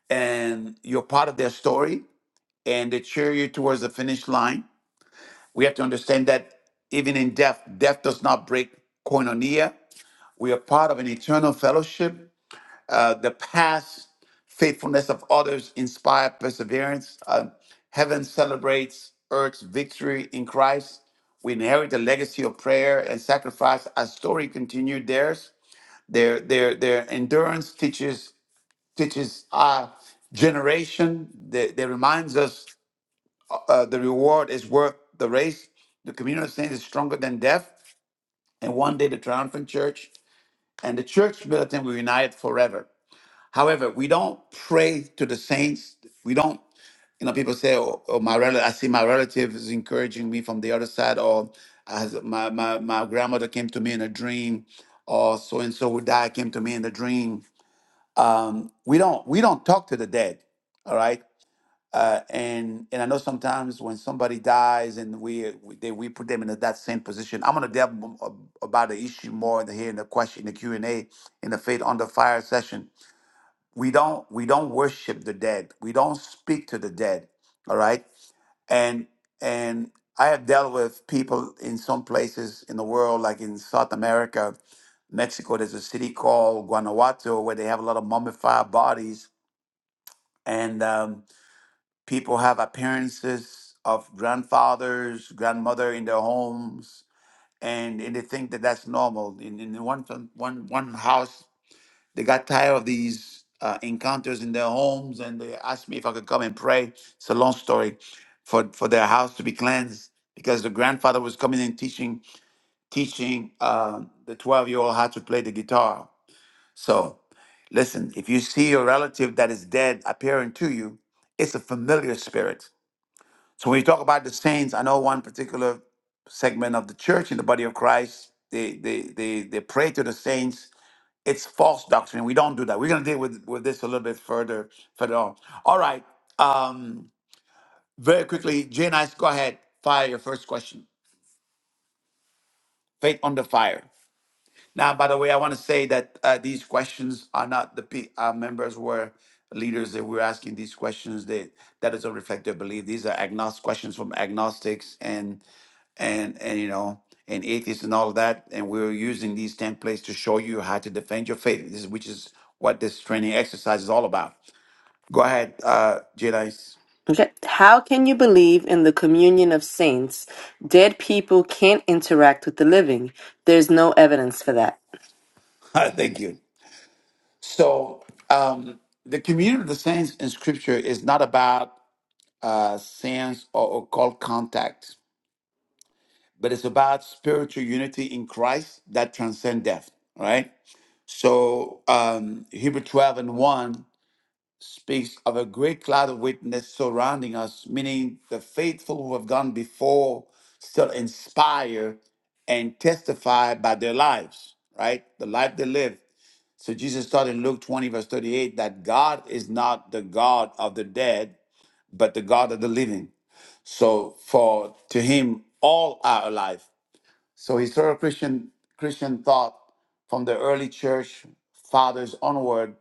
and you're part of their story. and they cheer you towards the finish line. We have to understand that even in death, death does not break koinonia. We are part of an eternal fellowship. Uh, the past faithfulness of others inspire perseverance. Uh, heaven celebrates earth's victory in Christ. We inherit the legacy of prayer and sacrifice. Our story continued theirs. Their their their endurance teaches teaches our generation. That, that reminds us uh, the reward is worth the race. The communion of saints is stronger than death, and one day the triumphant church and the church militant will unite forever. However, we don't pray to the saints. We don't, you know, people say, "Oh, oh, my relative, I see my relative is encouraging me from the other side," or as my, my my grandmother came to me in a dream, or so and so who died came to me in a dream. Um, we don't we don't talk to the dead. All right uh, and and I know sometimes when somebody dies and we we, they, we put them in that same position. I'm gonna delve m- ab- about the issue more in the, here in the question, the Q and A, in the faith on the fire session. We don't we don't worship the dead. We don't speak to the dead. All right, and and I have dealt with people in some places in the world, like in South America, Mexico. There's a city called Guanajuato where they have a lot of mummified bodies and. Um, People have appearances of grandfathers, grandmother in their homes, and, and they think that that's normal. In, in one one one house, they got tired of these uh, encounters in their homes, and they asked me if I could come and pray. It's a long story for, for their house to be cleansed because the grandfather was coming and teaching teaching uh, the 12 year old how to play the guitar. So Listen, if you see your relative that is dead appearing to you, it's a familiar spirit. So when you talk about the saints, I know one particular segment of the church in the body of Christ, they they they they pray to the saints. It's false doctrine. We don't do that. We're gonna deal with, with this a little bit further further on. All right. Um very quickly, Jay Nice, go ahead. Fire your first question. Faith on the fire. Now, by the way, I want to say that uh, these questions are not the P- our members were leaders that we're asking these questions. That that doesn't reflect their belief. These are agnostic questions from agnostics and and and you know and atheists and all of that. And we're using these templates to show you how to defend your faith. This is which is what this training exercise is all about. Go ahead, uh, Jedi. Okay. How can you believe in the communion of saints? Dead people can't interact with the living. There's no evidence for that. Thank you. So um, the community of the saints in Scripture is not about. uh, sense or occult contact, but it's about spiritual unity in Christ that transcend death, right? So um, Hebrew 12 and 1 speaks of a great cloud of witness surrounding us, meaning the faithful who have gone before still inspire and testify by their lives, right? The life they live. So Jesus taught in Luke 20, verse 38, that God is not the God of the dead, but the God of the living. So for to him, all are alive. So historical Christian Christian thought from the early church fathers onward,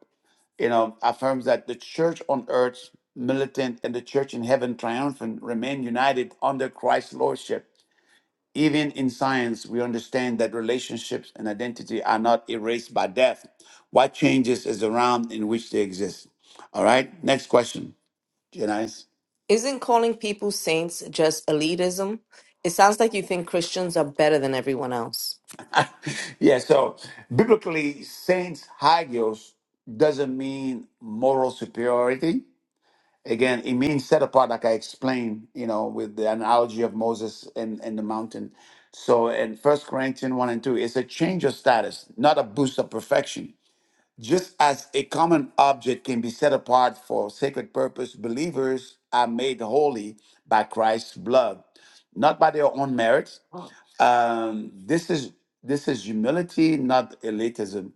you know, affirms that the church on earth militant and the church in heaven triumphant remain united under Christ's lordship. Even in science, we understand that relationships and identity are not erased by death. What changes is the realm in which they exist. All right, next question, Janice. Isn't calling people saints just elitism? It sounds like you think Christians are better than everyone else. Yeah, so biblically, saints hagios doesn't mean moral superiority. Again, it means set apart, like I explained, you know, with the analogy of Moses and, and the mountain. So in First Corinthians 1 and 2, it's a change of status, not a boost of perfection. Just as a common object can be set apart for sacred purpose, believers are made holy by Christ's blood, not by their own merits, um, this is this is humility, not elitism,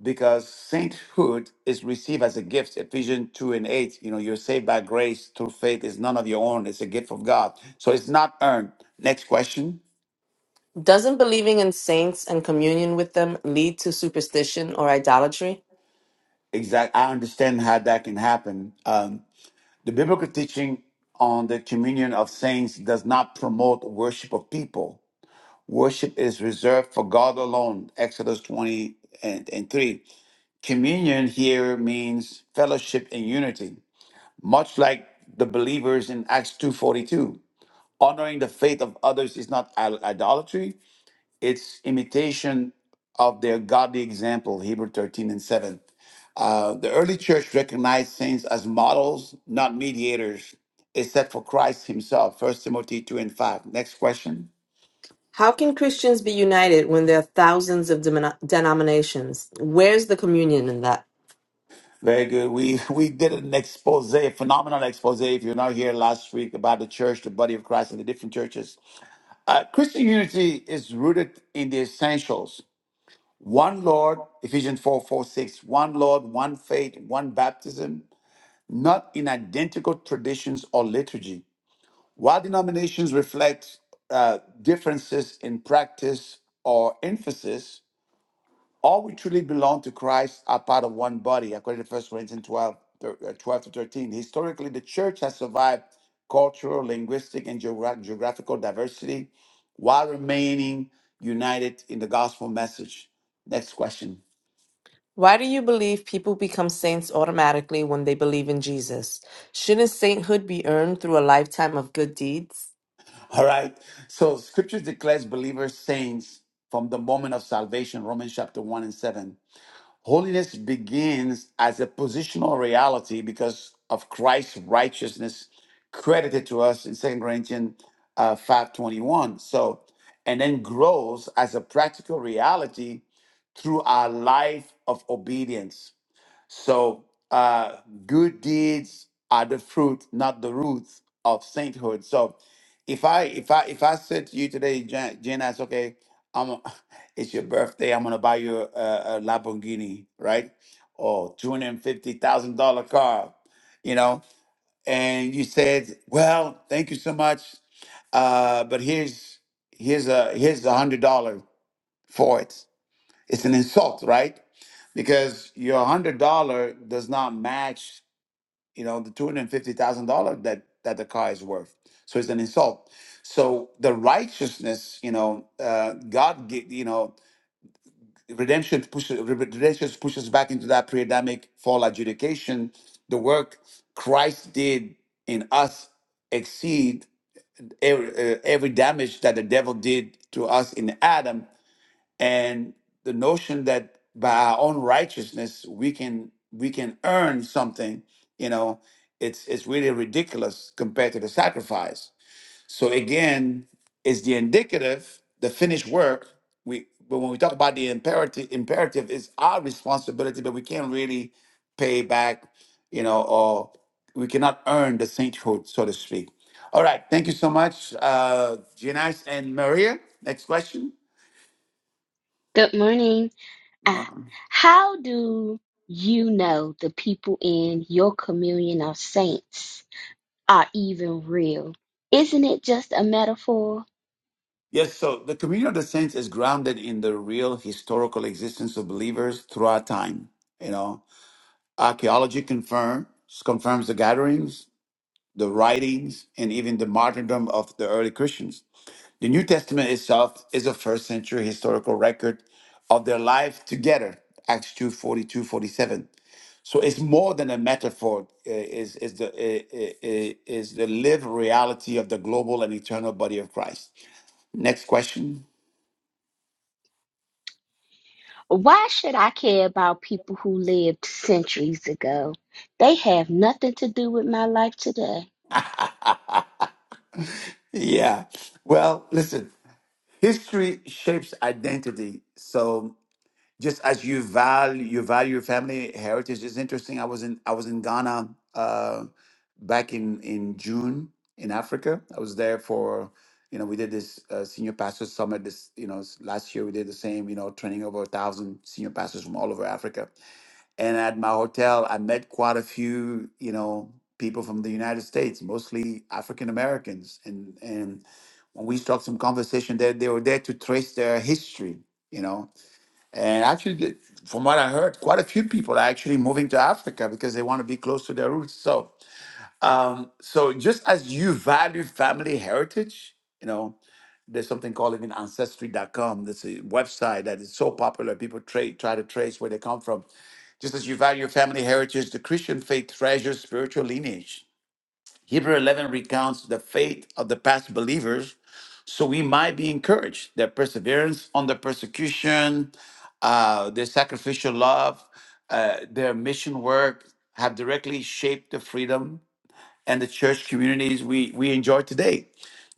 because sainthood is received as a gift. Ephesians two and eight. You know, you're saved by grace through faith. It's none of your own. It's a gift of God. So it's not earned. Next question. Doesn't believing in saints and communion with them lead to superstition or idolatry? Exact. I understand how that can happen. Um, the biblical teaching on the communion of saints does not promote worship of people. Worship is reserved for God alone. Exodus twenty and, and three. Communion here means fellowship and unity, much like the believers in Acts 2:42. Honoring the faith of others is not idol- idolatry, it's imitation of their godly example, Hebrew 13 and 7. Uh, the early church recognized saints as models, not mediators, except for Christ himself, First Timothy 2 and 5. Next question. How can Christians be united when there are thousands of demono- denominations? Where's the communion in that? Very good. We we did an expose, a phenomenal expose. If you're not here last week about the church, the body of Christ, and the different churches, Uh, Christian unity is rooted in the essentials. One Lord, Ephesians 4 four, six, one Lord, one faith, one baptism, not in identical traditions or liturgy. While denominations reflect uh, differences in practice or emphasis, all we truly belong to Christ are part of one body, according to First Corinthians 12, thir- uh, 12 to 13. Historically, the church has survived cultural, linguistic, and geogra- geographical diversity while remaining united in the gospel message. Next question. Why do you believe people become saints automatically when they believe in Jesus? Shouldn't sainthood be earned through a lifetime of good deeds? All right. So, scripture declares believers saints from the moment of salvation, Romans chapter 1 and 7 Holiness begins as a positional reality because of Christ's righteousness credited to us in Second Corinthians uh, 5.21. So, and then grows as a practical reality through our life of obedience. So, uh, good deeds are the fruit, not the roots of sainthood. So, if I if I if I said to you today, Jan, Janice, okay, I'm a- it's your birthday, I'm gonna buy you a, a Lamborghini, right, or two hundred fifty thousand dollar car, you know, and you said, well, thank you so much, uh, but here's here's a here's a hundred dollar for it it's an insult, right? Because your hundred dollar does not match, you know, the two hundred fifty thousand dollar that that the car is worth. So it's an insult. So the righteousness, you know, uh, God, gi- you know, redemption pushes redemption pushes back into that pre-Adamic fall adjudication. The work Christ did in us exceed every, uh, every damage that the devil did to us in Adam and the notion that by our own righteousness we can we can earn something you know it's it's really ridiculous compared to the sacrifice so again it's the indicative the finished work we but when we talk about the imperative imperative is our responsibility but we can't really pay back you know or we cannot earn the sainthood so to speak all right thank you so much uh Giannis and maria next question Good morning. Uh, Um, how do you know the people in your communion of saints are even real? Isn't it just a metaphor? Yes, so the communion of the saints is grounded in the real historical existence of believers throughout time. You know, archaeology confirms confirms the gatherings, the writings, and even the martyrdom of the early Christians. The New Testament itself is a first century historical record of their life together, Acts 2 42 47. So it's more than a metaphor, eh, is, is, the, eh, eh, eh, is the lived reality of the global and eternal body of Christ. Next question. Why should I care about people who lived centuries ago? They have nothing to do with my life today. Yeah. Well, listen, history shapes identity. So just as you value you value your family heritage it's interesting i was in i was in ghana uh back in in june in africa i was there for you know we did this uh, senior pastors summit this you know s- last year we did the same you know training over a thousand senior pastors from all over africa and at my hotel i met quite a few you know people from the united states mostly african americans and and when we struck some conversation they they were there to trace their history you know and actually, the- from what I heard, quite a few people are actually moving to Africa because they want to be close to their roots. So, um, so just as you value family heritage, you know, there's something called even ancestry.com. That's a website that is so popular. People tra- try to trace where they come from. Just as you value family heritage, the Christian faith treasures spiritual lineage Hebrew 11 recounts the faith of the past believers, so we might be encouraged their perseverance under persecution, uh, their sacrificial love, uh, their mission work have directly shaped the freedom and the church communities we, we enjoy today.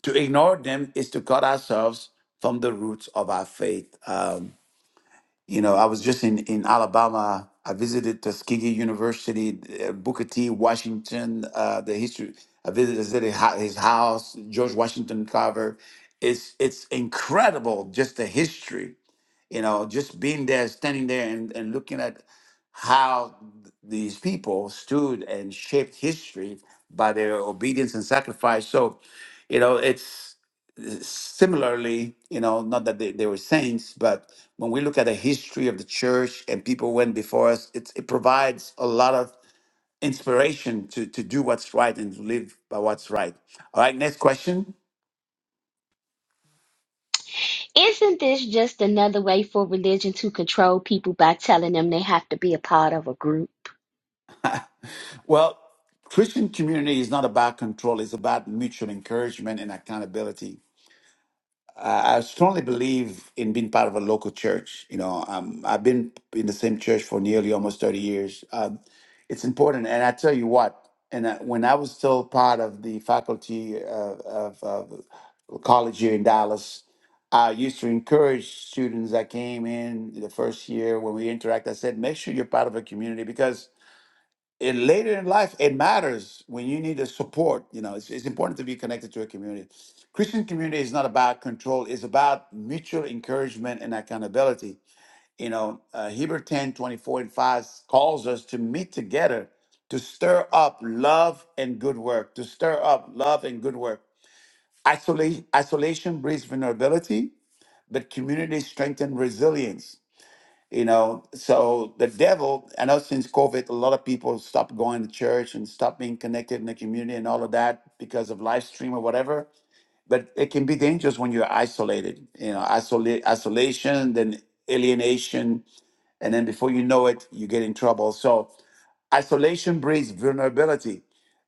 To ignore them is to cut ourselves from the roots of our faith. Um, you know, I was just in, in Alabama. I visited Tuskegee University, uh, Booker T. Washington, uh, the history. I visited his his house, George Washington Carver. It's it's incredible just the history you know just being there standing there and, and looking at how these people stood and shaped history by their obedience and sacrifice so you know it's similarly you know not that they, they were saints but when we look at the history of the church and people went before us it, it provides a lot of inspiration to to do what's right and to live by what's right all right next question Isn't this just another way for religion to control people by telling them they have to be a part of a group? Well, Christian community is not about control, it's about mutual encouragement and accountability. I I strongly believe in being part of a local church. You know, um, I've been in the same church for nearly almost 30 years. Um, it's important. And I tell you what, and I, when I was still part of the faculty uh, of, of college here in Dallas, I used to encourage students that came in the first year when we interact. I said, make sure you're part of a community because and later in life it matters when you need the support you know it's, it's important to be connected to a community christian community is not about control it's about mutual encouragement and accountability you know uh, hebrew 10 24 and 5 calls us to meet together to stir up love and good work to stir up love and good work Isolation, isolation breeds vulnerability but community strengthens resilience you know, so the devil, I know since COVID, a lot of people stopped going to church and stopped being connected in the community and all of that because of live stream or whatever. But it can be dangerous when you're isolated, you know, isolate, isolation, then alienation. And then before you know it, you get in trouble. So, Isolation breeds vulnerability,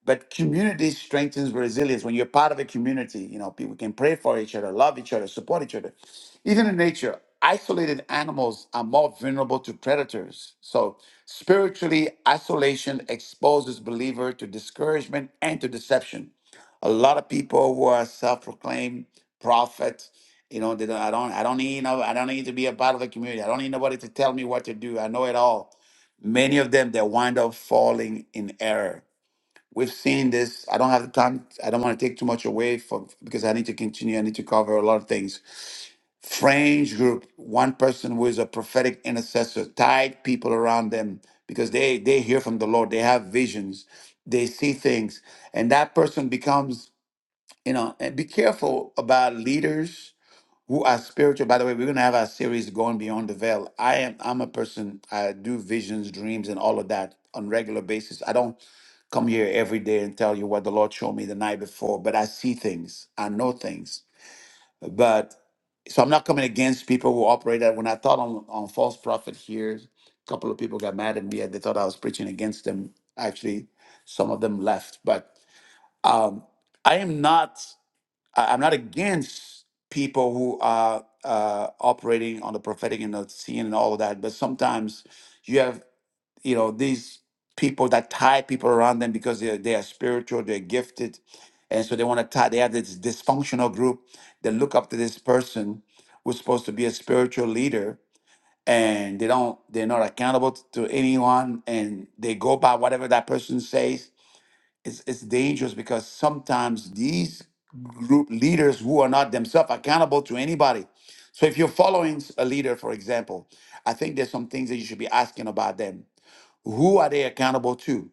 but community strengthens resilience. When you're part of a community, you know, people can pray for each other, love each other, support each other. Even in nature, isolated animals are more vulnerable to predators. So, spiritually, isolation exposes believer to discouragement and to deception. A lot of people who are self-proclaimed prophets, you know, they don't, I don't, I don't need, no, I don't need to be a part of the community. I don't need nobody to tell me what to do. I know it all many of them they wind up falling in error we've seen this i don't have the time i don't want to take too much away for because i need to continue i need to cover a lot of things fringe group one person who is a prophetic intercessor tied people around them because they they hear from the lord they have visions they see things and that person becomes you know and be careful about leaders who are spiritual. By the way, we're gonna have our series going beyond the veil. I am I'm a person, I do visions, dreams, and all of that on regular basis. I don't come here every day and tell you what the Lord showed me the night before, but I see things, I know things. But so I'm not coming against people who operate that. When I taught on, on false prophet here, a couple of people got mad at me and they thought I was preaching against them. Actually, some of them left. But um, I am not. I, I'm not against people who are uh, operating on the prophetic and the seeing and all of that, but sometimes you have, you know, these people that tie people around them because they're they are spiritual, they're gifted, and so they want to tie. They have this dysfunctional group. They look up to this person who's supposed to be a spiritual leader. And they don't. They're not accountable to anyone, and they go by whatever that person says it's it's dangerous because sometimes these group leaders who are not themselves accountable to anybody. So if you're following a leader, for example, I think there's some things that you should be asking about them. Who are they accountable to,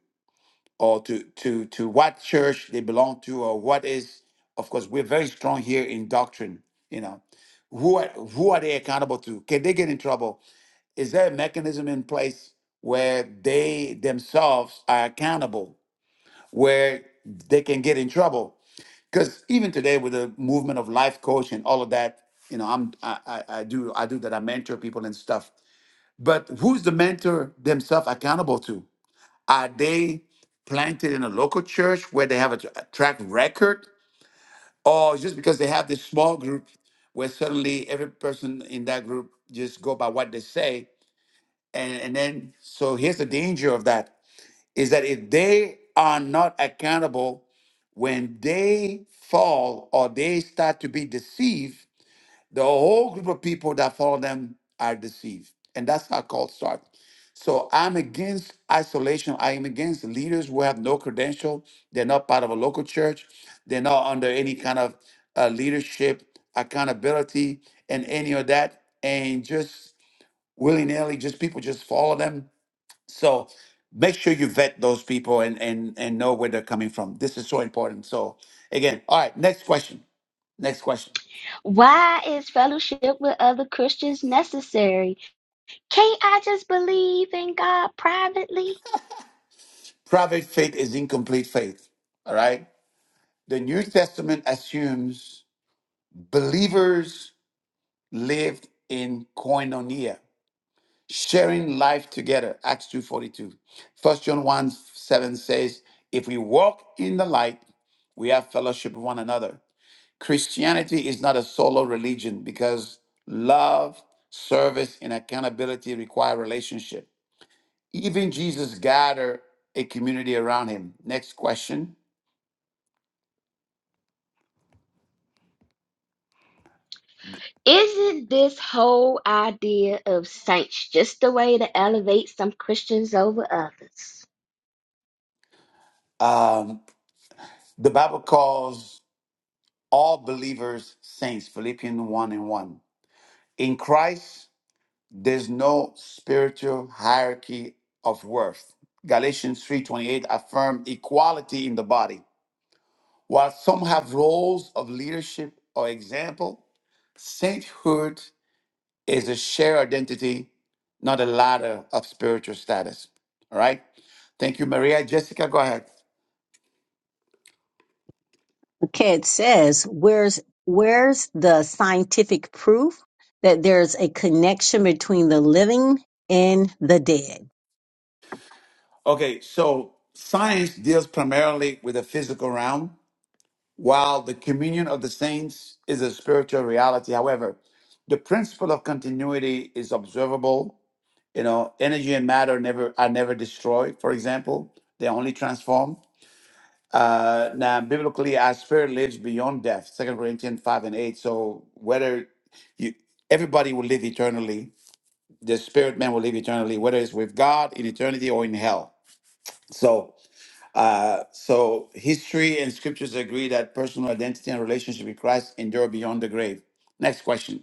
or to to to what church they belong to, or what is? Of course, we're very strong here in doctrine. You know, who are, who are they accountable to? Can they get in trouble? Is there a mechanism in place where they themselves are accountable? where they can get in trouble. Because even today, with the movement of life coach and all of that, you know, I'm I, I, I do I do that. I mentor people and stuff. But who's the mentor themselves accountable to? Are they planted in a local church where they have a, tr- a track record, or just because they have this small group where suddenly every person in that group just go by what they say, and and then so here's the danger of that is that if they are not accountable when they fall or they start to be deceived, the whole group of people that follow them are deceived. And that's how cult starts. So I'm against isolation. I am against leaders who have no credential. They're not part of a local church. They're not under any kind of uh, leadership, accountability, and any of that. And just willy nilly, just people just follow them so make sure you vet those people and and and know where they're coming from. This is so important. So again, all right, next question. Next question. Why is fellowship with other Christians necessary? Can't I just believe in God privately? Private faith is incomplete faith. All right. The New Testament assumes believers lived in koinonia, sharing life together. Acts 2.42. 1 John 1 7 says, if we walk in the light, we have fellowship with one another. Christianity is not a solo religion because love, service, and accountability require relationship. Even Jesus gathered a community around him. Next question. Isn't this whole idea of saints just a way to elevate some Christians over others? Um, the Bible calls all believers saints, Philippians 1 and 1. In Christ, there's no spiritual hierarchy of worth. Galatians 3:28 affirmed equality in the body. While some have roles of leadership or example, Sainthood is a shared identity, not a ladder of spiritual status. All right. Thank you, Maria. Jessica, go ahead. Ted says, where's where's the scientific proof that there's a connection between the living and the dead? Okay, so science deals primarily with the physical realm, while the communion of the saints is a spiritual reality. However, the principle of continuity is observable. You know, energy and matter never are never destroyed. For example, they only transform. Uh, now, biblically, our spirit lives beyond death. Second Corinthians five and eight. So whether you, everybody will live eternally, the spirit man will live eternally, whether it's with God in eternity or in hell. So, uh, so history and scriptures agree that personal identity and relationship with Christ endure beyond the grave. Next question.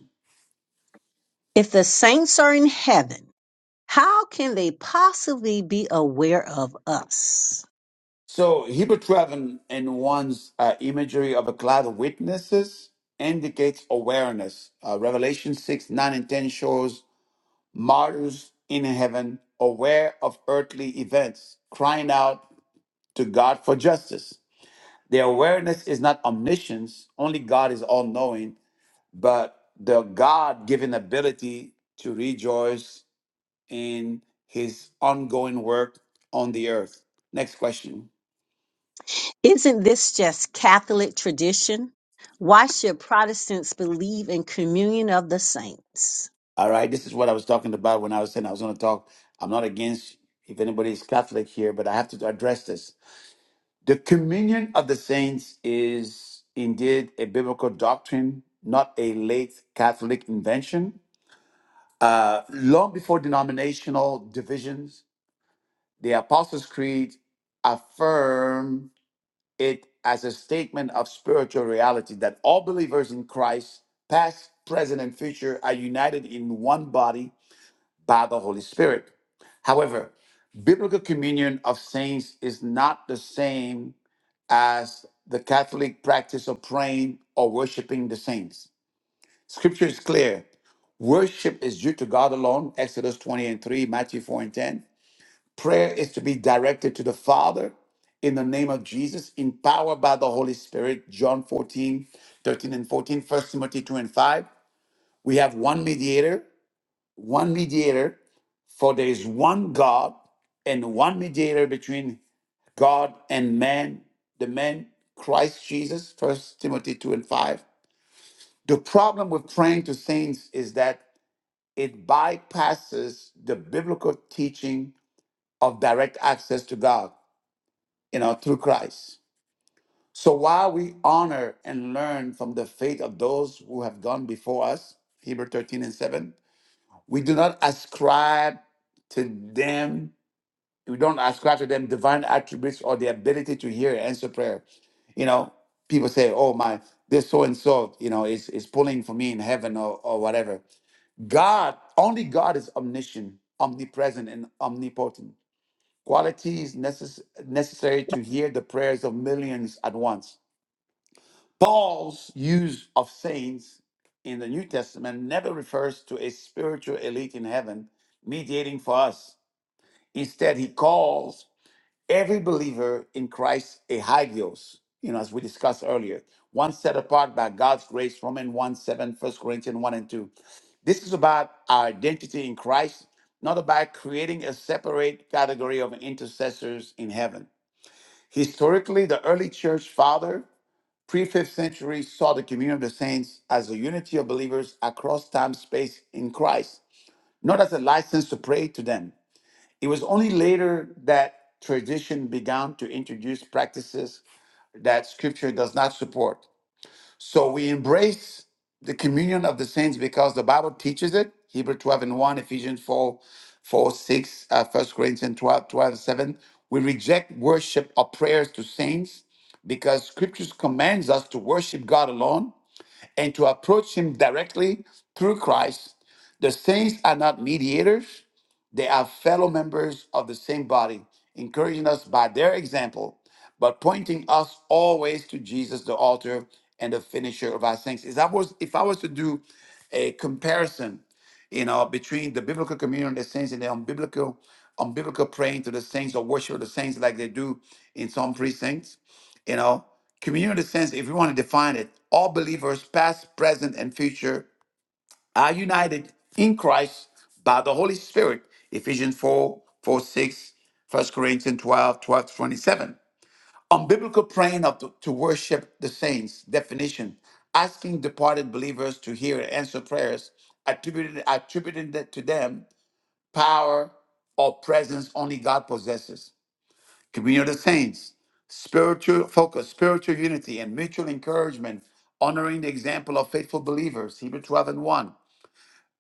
If the saints are in heaven, how can they possibly be aware of us? So Hebrew 12 and, and one's uh, imagery of a cloud of witnesses indicates awareness. Uh, Revelation 6, 9 and 10 shows martyrs in heaven, aware of earthly events, crying out to God for justice. Their awareness is not omniscience, only God is all knowing, but the God given ability to rejoice in his ongoing work on the earth. Next question. Isn't this just Catholic tradition? Why should Protestants believe in communion of the saints? All right, this is what I was talking about when I was saying I was going to talk. I'm not against if anybody's Catholic here, but I have to address this. The communion of the saints is indeed a biblical doctrine, not a late Catholic invention. Uh, long before denominational divisions, the Apostles' Creed affirmed it as a statement of spiritual reality that all believers in Christ, past, present, and future, are united in one body by the Holy Spirit. However, biblical communion of saints is not the same as the Catholic practice of praying or worshiping the saints. Scripture is clear. Worship is due to God alone, Exodus 20 and 3, Matthew 4 and 10. Prayer is to be directed to the Father in the name of Jesus, empowered by the Holy Spirit, John 14, 13 and 14, 1 Timothy 2 and 5. We have one mediator, one mediator, for there is one God and one mediator between God and man, the man, Christ Jesus, First Timothy 2 and 5. The problem with praying to saints is that it bypasses the biblical teaching of direct access to God, you know, through Christ. So while we honor and learn from the faith of those who have gone before us, Hebrew 13 and 7, we do not ascribe to them we don't ascribe to them divine attributes or the ability to hear and answer prayer. You know, people say, "Oh my, this so and so, you know, is is pulling for me in heaven or or whatever." God, only God is omniscient, omnipresent, and omnipotent. Qualities necess- necessary to hear the prayers of millions at once. Paul's use of saints in the New Testament never refers to a spiritual elite in heaven mediating for us. Instead, he calls every believer in Christ a hagios, you know, as we discussed earlier, one set apart by God's grace, Romans 1 7, First Corinthians 1 and 2. This is about our identity in Christ, not about creating a separate category of intercessors in heaven. Historically, the early church father, pre fifth century, saw the communion of the saints as a unity of believers across time, space in Christ, not as a license to pray to them. It was only later that tradition began to introduce practices that scripture does not support. So we embrace the communion of the saints because the Bible teaches it. Hebrew 12 and 1, Ephesians 4, four, six, uh, 1 Corinthians 12, twelve and 7. We reject worship or prayers to saints because scriptures commands us to worship God alone and to approach him directly through Christ. The saints are not mediators. They are fellow members of the same body, encouraging us by their example, but pointing us always to Jesus, the Author and the finisher of our saints. Is I was if I was to do a comparison, you know, between the biblical communion of the saints and the unbiblical, unbiblical praying to the saints or worship of the saints like they do in some precincts, you know, communion of the saints, if you want to define it, all believers, past, present, and future are united in Christ by the Holy Spirit. Ephesians 4 4 6, First Corinthians 12, twelve to 27. On biblical praying of to, to worship the saints, definition, asking departed believers to hear and answer prayers, attributed, attributing that to them power or presence only God possesses. Communion of the saints, spiritual focus, spiritual unity, and mutual encouragement, honoring the example of faithful believers, Hebrew 12 and 1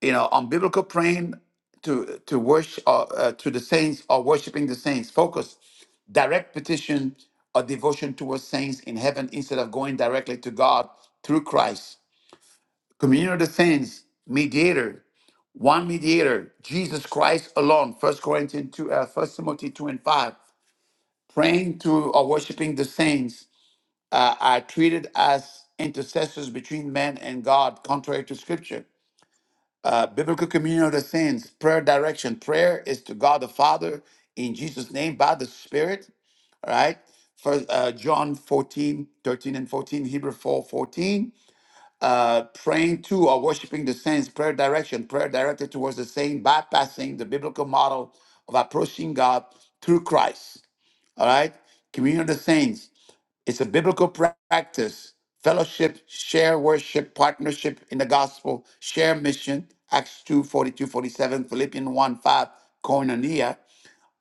you know, unbiblical praying to to worship uh, uh, to the saints or worshiping the saints. Focus, direct petition or devotion towards saints in heaven instead of going directly to God through Christ. Communion of the saints, mediator, one mediator, Jesus Christ alone. First Corinthians two, uh, First Timothy two and five. Praying to or worshiping the saints uh, are treated as intercessors between man and God, contrary to Scripture uh, biblical communion of the saints, prayer direction. Prayer is to God the Father in Jesus' name by the Spirit. All right. First uh, John 14:13 and 14, Hebrew 4:14. Uh, praying to or worshiping the saints, prayer direction, prayer directed towards the saint, bypassing the biblical model of approaching God through Christ. All right. Communion of the saints. It's a biblical practice. Fellowship, share worship, partnership in the gospel, share mission, Acts 2 42 47, Philippians 1, 5, koinonia.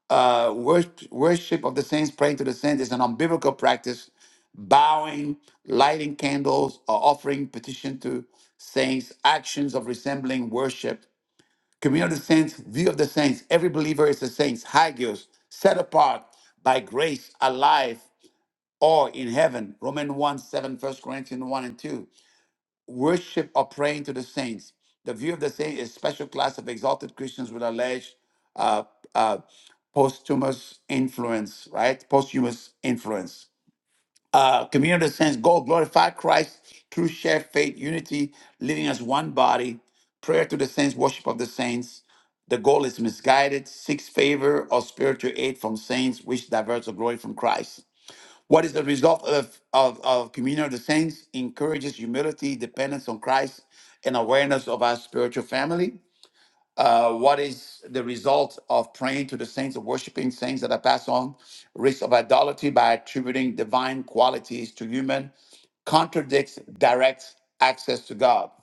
Uh, worship, worship of the saints, praying to the saints is an unbiblical practice. Bowing, lighting candles, or offering petition to saints, actions of resembling worship. Communion of the saints, view of the saints. Every believer is a saint, hagios, set apart by grace, alive or in heaven, Romans 1, 7, First Corinthians 1 and 2. Worship or praying to the saints. The view of the saints is special class of exalted Christians with alleged uh, uh, posthumous influence, right? Posthumous influence. Uh, communion of the saints, go glorify Christ through shared faith, unity, living as one body, prayer to the saints, worship of the saints. The goal is misguided, seeks favor or spiritual aid from saints, which diverts the glory from Christ what is the result of, of, of communion of the saints? Encourages humility, dependence on Christ, and awareness of our spiritual family. Uh, what is the result of praying to the saints, of worshiping saints that are passed on? Risk of idolatry by attributing divine qualities to human contradicts direct access to God.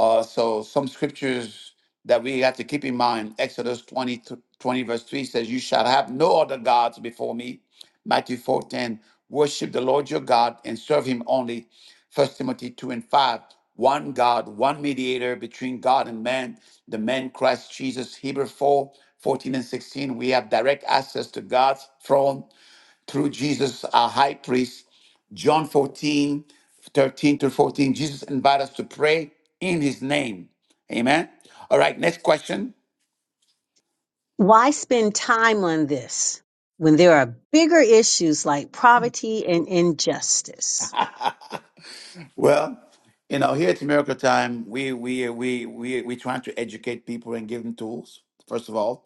Uh, so some scriptures that we have to keep in mind. Exodus 20, th- 20 verse 3 says, You shall have no other gods before me. Matthew 4:10, worship the Lord your God and serve him only. First Timothy 2 and 5, one God, one mediator between God and man, the man Christ Jesus. Hebrew 4:14 and 16, we have direct access to God's throne through Jesus, our high priest, John 14, 13 to 14. Jesus invites us to pray in his name. Amen. All right, next question. Why spend time on this when there are bigger issues like poverty and injustice? Well, you know, here at Miracle Time, we we we we we trying to educate people and give them tools, first of all.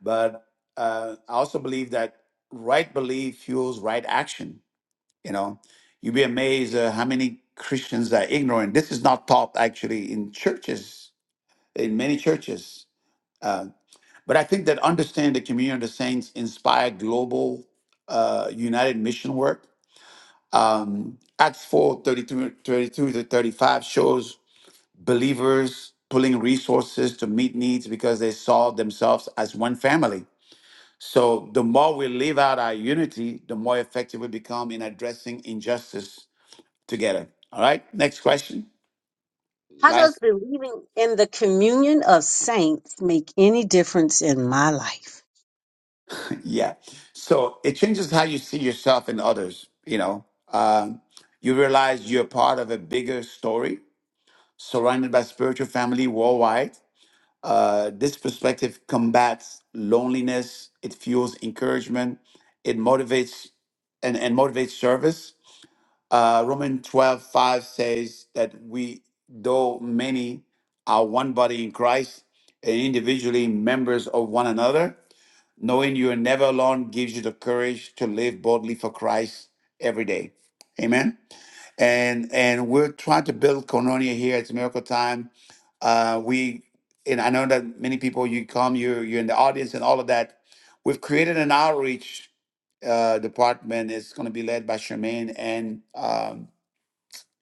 But uh, I also believe that right belief fuels right action. You know, you'd be amazed uh, how many Christians are ignorant. This is not taught actually in churches, in many churches. Uh, But I think that understand the communion of the saints inspired global uh, united mission work. Um, Acts 4 thirty-two, thirty-two to 35 shows believers pulling resources to meet needs because they saw themselves as one family. So the more we live out our unity, the more effective we become in addressing injustice together. All right, next question. How does Last believing in the communion of saints make any difference in my life? Yeah. So it changes how you see yourself and others. You know, um, you realize you're part of a bigger story surrounded by spiritual family worldwide. Uh, this perspective combats loneliness. It fuels encouragement. It motivates and, and motivates service. Uh, Romans 12, five says that we, though many, are one body in Christ and individually members of one another Knowing you are never alone gives you the courage to live boldly for Christ every day. Amen. And and we're trying to build Koinonia here. It's miracle time. Uh, we and I know that many people you come, you're you're in the audience and all of that. We've created an outreach uh, department. It's going to be led by Charmaine and um,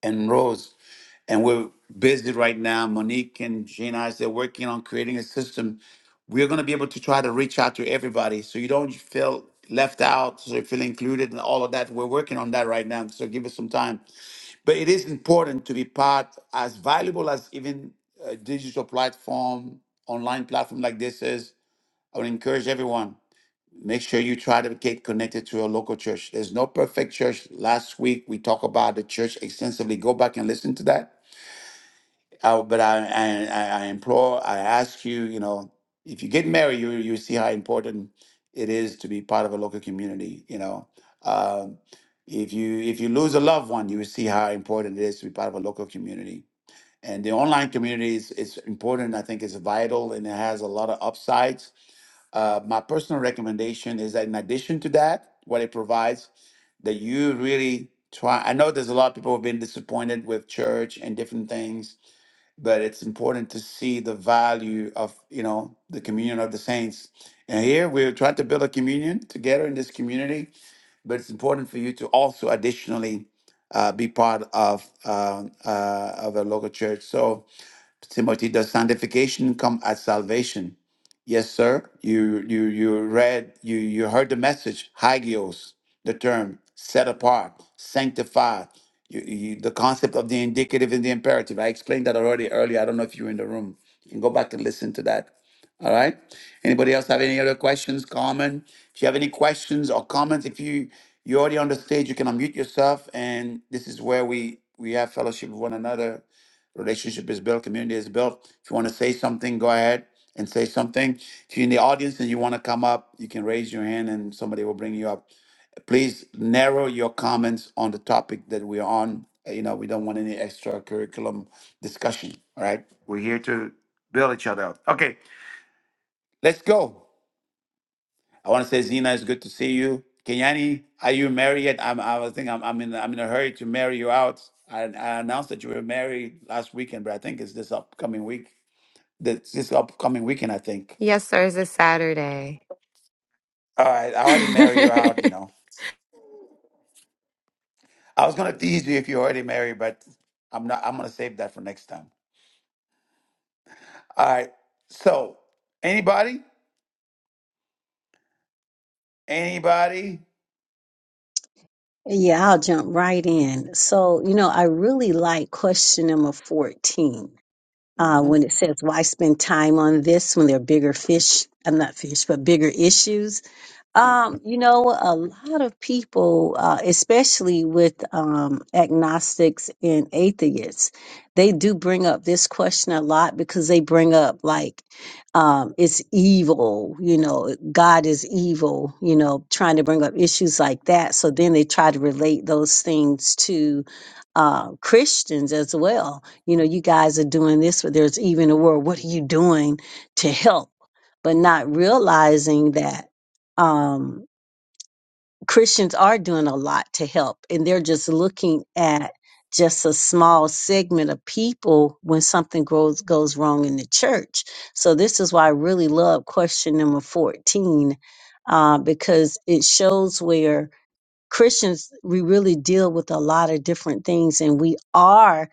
and Rose and we're busy right now. Monique and she and I they're working on creating a system. We're going to be able to try to reach out to everybody, so you don't feel left out, so you feel included, and all of that. We're working on that right now, so give us some time. But it is important to be part, as valuable as even a digital platform, online platform like this is. I would encourage everyone. Make sure you try to get connected to your local church. There's no perfect church. Last week we talked about the church extensively. Go back and listen to that I, but I, I, I I implore, I ask you, you know, if you get married, you you see how important it is to be part of a local community. You know, um, if you if you lose a loved one, you will see how important it is to be part of a local community. And the online community is, is important. I think it's vital and it has a lot of upsides. Uh, my personal recommendation is that in addition to that, what it provides, that you really try. I know there's a lot of people who've been disappointed with church and different things but it's important to see the value of you know the communion of the saints and here we're trying to build a communion together in this community but it's important for you to also additionally uh, be part of uh, uh, of a local church so Timothy, does sanctification come at salvation? Yes, sir. You you you read you you heard the message, hagios, the term set apart, sanctified. You, you, the concept of the indicative and the imperative. I explained that already earlier. I don't know if you were in the room. You can go back and listen to that. All right. Anybody else have any other questions, comment? If you have any questions or comments, if you you're already on the stage, you can unmute yourself. And this is where we we have fellowship with one another Relationship is built, community is built. If you want to say something, go ahead and say something. If you're in the audience and you want to come up, you can raise your hand and somebody will bring you up. Please narrow your comments on the topic that we're on. Uh, You know, we don't want any extra curriculum discussion. All right. We're here to build each other up. Okay, let's go. I want to say, Zena, it's good to see you. Kenyani, are you married yet? I'm, I was thinking I'm, I'm, in, I'm in a hurry to marry you out. I, I announced that you were married last weekend, but I think it's this upcoming week this, this upcoming weekend, I think. Yes, sir. It's a Saturday. All right, I already married you out, you know. I was gonna tease you if you already married, but I'm not I'm gonna save that for next time. All right. So anybody? Anybody? Yeah, I'll jump right in. So, you know, I really like question number 14. uh, hmm when it says why spend time on this when there are bigger fish i'm not fish but bigger issues Yeah. um, you know, a lot of people, uh, especially with um, agnostics and atheists, they do bring up this question a lot because they bring up like um, it's evil, you know, God is evil, you know, trying to bring up issues like that. So then they try to relate those things to uh, Christians as well. You know, you guys are doing this, but there's even a world. What are you doing to help? But not realizing that um, Christians are doing a lot to help, and they're just looking at just a small segment of people when something goes goes wrong in the church. So this is why I really love question number fourteen uh, because it shows where Christians we really deal with a lot of different things, and we are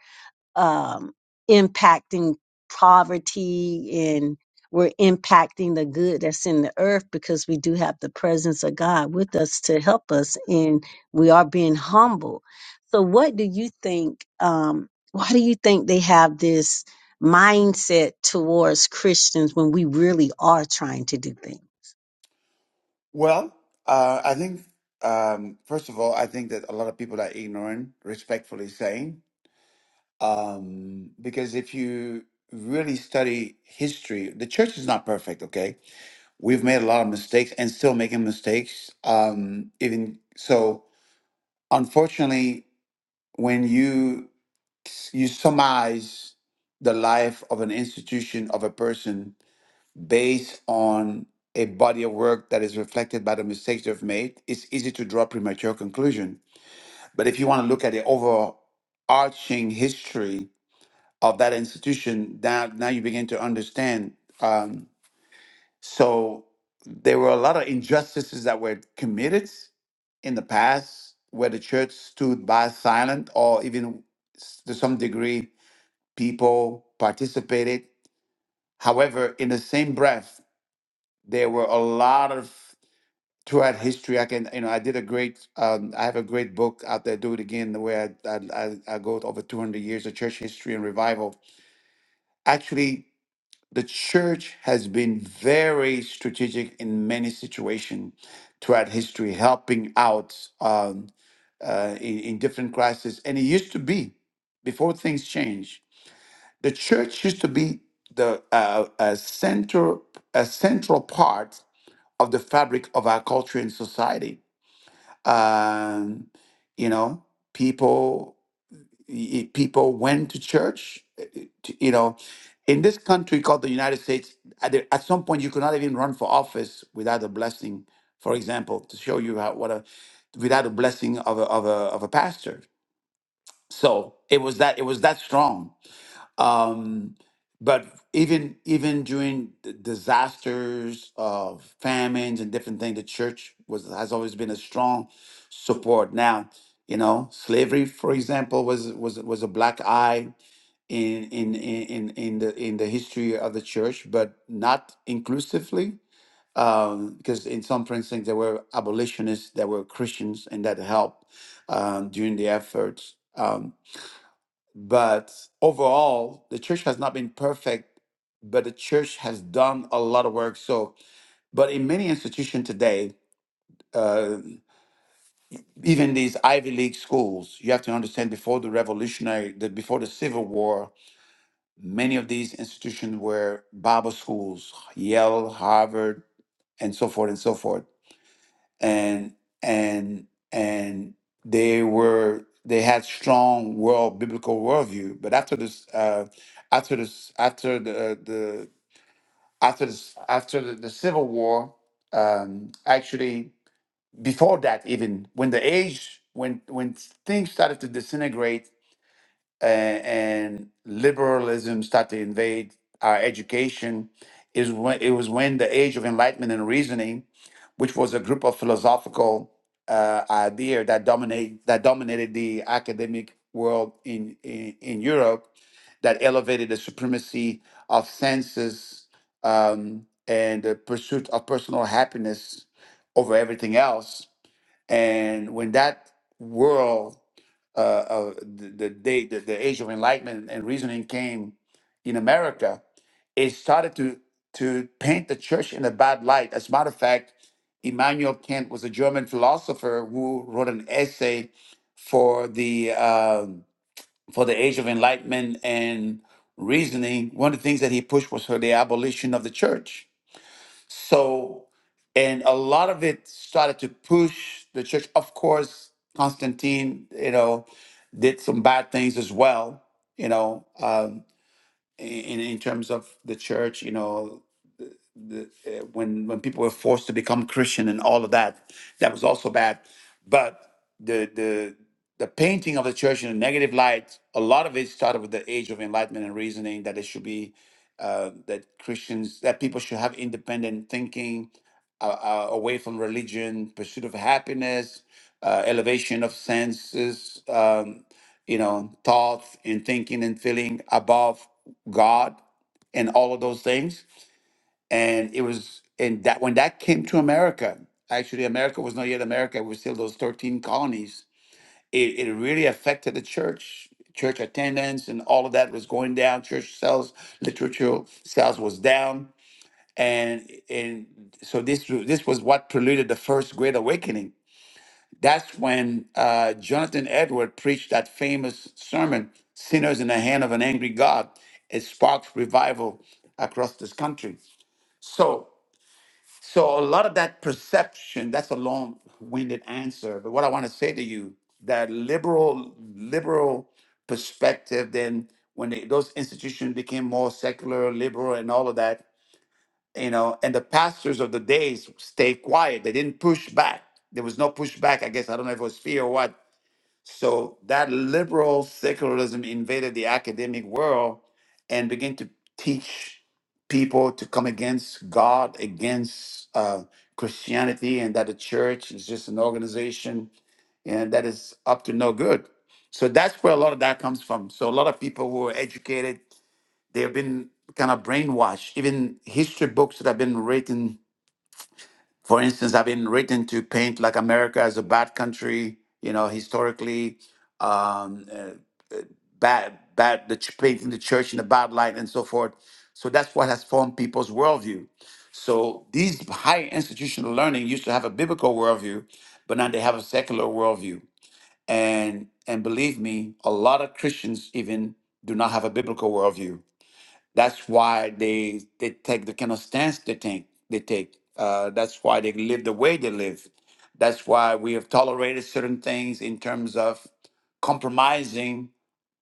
um, impacting poverty and we're impacting the good that's in the earth because we do have the presence of God with us to help us and we are being humble. So what do you think um why do you think they have this mindset towards Christians when we really are trying to do things? Well, uh, I think um, first of all, I think that a lot of people are ignorant, respectfully saying. Um, because if you really study history, the church is not perfect, okay? We've made a lot of mistakes and still making mistakes. Um, even so, unfortunately, when you you summarize the life of an institution of a person based on a body of work that is reflected by the mistakes they've made, it's easy to draw premature conclusion. But if you want to look at the overarching history of that institution, now now you begin to understand. Um, So there were a lot of injustices that were committed in the past where the church stood by silent or even s- to some degree people participated. However, in the same breath, there were a lot of throughout history. I can, you know, I did a great, um, I have a great book out there, Do It Again, where I, I, I I go over 200 years of church history and revival. Actually, the church has been very strategic in many situations throughout history, helping out um, uh, in, in different crises. And it used to be, before things changed, the church used to be the uh, a center, a central part of the fabric of our culture and society. Um, you know, people y- people went to church. eh, eh, t- You know, in this country called the United States, at the- at some point you could not even run for office without a blessing. For example, to show you how what a without a blessing of a of a of a pastor. So it was that it was that strong. Um, but even even during d- disasters of famines and different things, the church was has always been a strong support. Now, you know, slavery, for example, was was was a black eye in in in in, in the in the history of the church, but not inclusively. Um, because in some precincts there were abolitionists that were Christians and that helped um, during the efforts. Um, but overall, the church has not been perfect, but the church has done a lot of work. So, but in many institutions today, uh, even these Ivy League schools, you have to understand before the revolutionary, the, before the Civil War, many of these institutions were Bible schools, Yale, Harvard, and so forth and so forth. and and and they were they had strong world biblical worldview. But after this, uh, after this, after the the after this after the, the Civil War, um, actually before that even when the age when when things started to disintegrate and, and liberalism started to invade our education is when it was when the age of enlightenment and reasoning which was a group of philosophical uh, idea that dominate that dominated the academic world in, in in Europe that elevated the supremacy of senses um, and the pursuit of personal happiness over everything else and when that world uh, of the, the day, the, the age of enlightenment and reasoning came in America, it started to to paint the church in a bad light. As a matter of fact, Immanuel Kant was a German philosopher who wrote an essay for the um for the age of enlightenment and reasoning. One of the things that he pushed was for the abolition of the church so, and a lot of it started to push the church. Of course, Constantine, you know, did some bad things as well, you know, um, in, in terms of the church, you know, uh, when when people were forced to become Christian and all of that. That was also bad. But the the the painting of the church in a negative light, a lot of it started with the age of enlightenment and reasoning that it should be uh, that Christians that people should have independent thinking, uh, uh, away from religion, pursuit of happiness, uh, elevation of senses, um, you know, thought and thinking and feeling above God, and all of those things and it was and that when that came to america actually america was not yet america it was still those 13 colonies it, it really affected the church church attendance and all of that was going down church sales literature sales was down and and so this this was what preluded the first great awakening that's when uh, jonathan edward preached that famous sermon sinners in the hand of an angry god it sparked revival across this country so so a lot of that perception, that's a long-winded answer, but what I want to say to you, that liberal liberal perspective, then when they, those institutions became more secular, liberal, and all of that, you know, and the pastors of the days stayed quiet. They didn't push back. There was no pushback. I guess I don't know if it was fear or what, so that liberal secularism invaded the academic world and began to teach people to come against God, against uh, Christianity, and that the church is just an organization and that is up to no good. So that's where a lot of that comes from. So a lot of people who are educated, they've been kind of brainwashed. Even history books that have been written for instance, I've been written to paint like America as a bad country, you know, historically, um, uh, bad, bad, the ch- painting the church in a bad light and so forth. So that's what has formed people's worldview. So these high institutional learning used to have a biblical worldview, but now they have a secular worldview. And and believe me, a lot of Christians even do not have a biblical worldview that's why they they take the kind of stance they take. They take. Uh, that's why they live the way they live. That's why we have tolerated certain things in terms of compromising.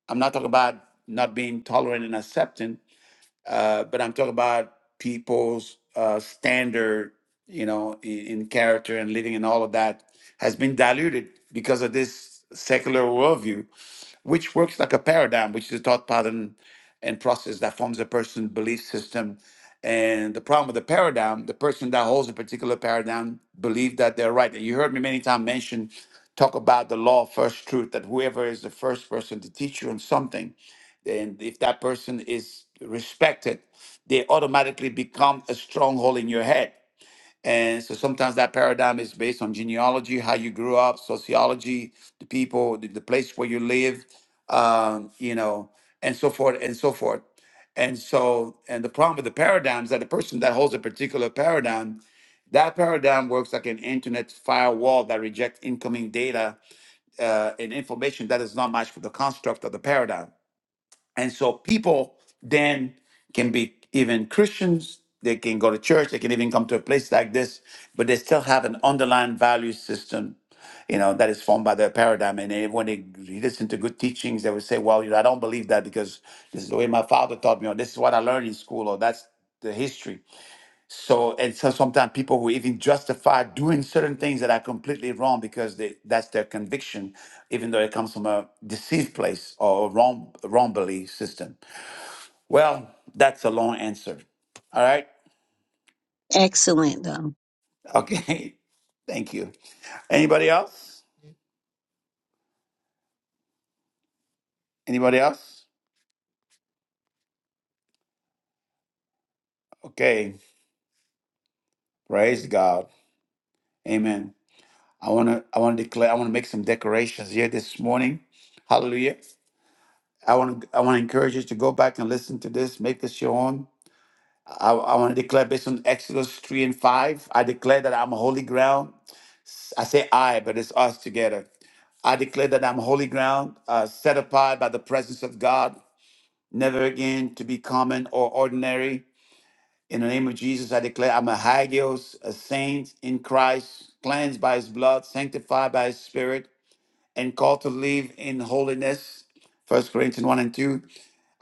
I'm not talking about not being tolerant and accepting uh, but I'm talking about people's uh, standard, you know, in, in character and living and all of that has been diluted because of this secular worldview, which works like a paradigm, which is a thought pattern and process that forms a person's belief system. And the problem with the paradigm, the person that holds a particular paradigm believe that they're right. And you heard me many times mention, talk about the law of first truth, that whoever is the first person to teach you on something and if that person is respected, they automatically become a stronghold in your head. And so sometimes that paradigm is based on genealogy, how you grew up, sociology, the people, the, the place where you live, um, you know, and so forth and so forth. And so, and the problem with the paradigm is that the person that holds a particular paradigm, that paradigm works like an internet firewall that rejects incoming data uh, and information that is not matched with the construct of the paradigm. And so people then can be even Christians, they can go to church, they can even come to a place like this, but they still have an underlying value system, you know, that is formed by their paradigm. And they, when they listen to good teachings, they will say, well, you know, I don't believe that because this is the way my father taught me, or this is what I learned in school, or that's the history. So and so sometimes people who even justify doing certain things that are completely wrong because they, that's their conviction, even though it comes from a deceived place or a wrong wrong belief system. Well, that's a long answer. All right. Excellent though. Okay. Thank you. Anybody else? Anybody else? Okay. Praise God. Amen. I wanna I wanna declare I wanna make some decorations here this morning. Hallelujah. I want to I want to encourage you to go back and listen to this, make this your own. I, I want to declare based on Exodus 3 and 5. I declare that I'm holy ground. I say I, but it's us together. I declare that I'm holy ground, uh, set apart by the presence of God, never again to be common or ordinary. In the name of Jesus, I declare I'm a hagios, a saint in Christ, cleansed by his blood, sanctified by his spirit, and called to live in holiness. First Corinthians 1 and 2.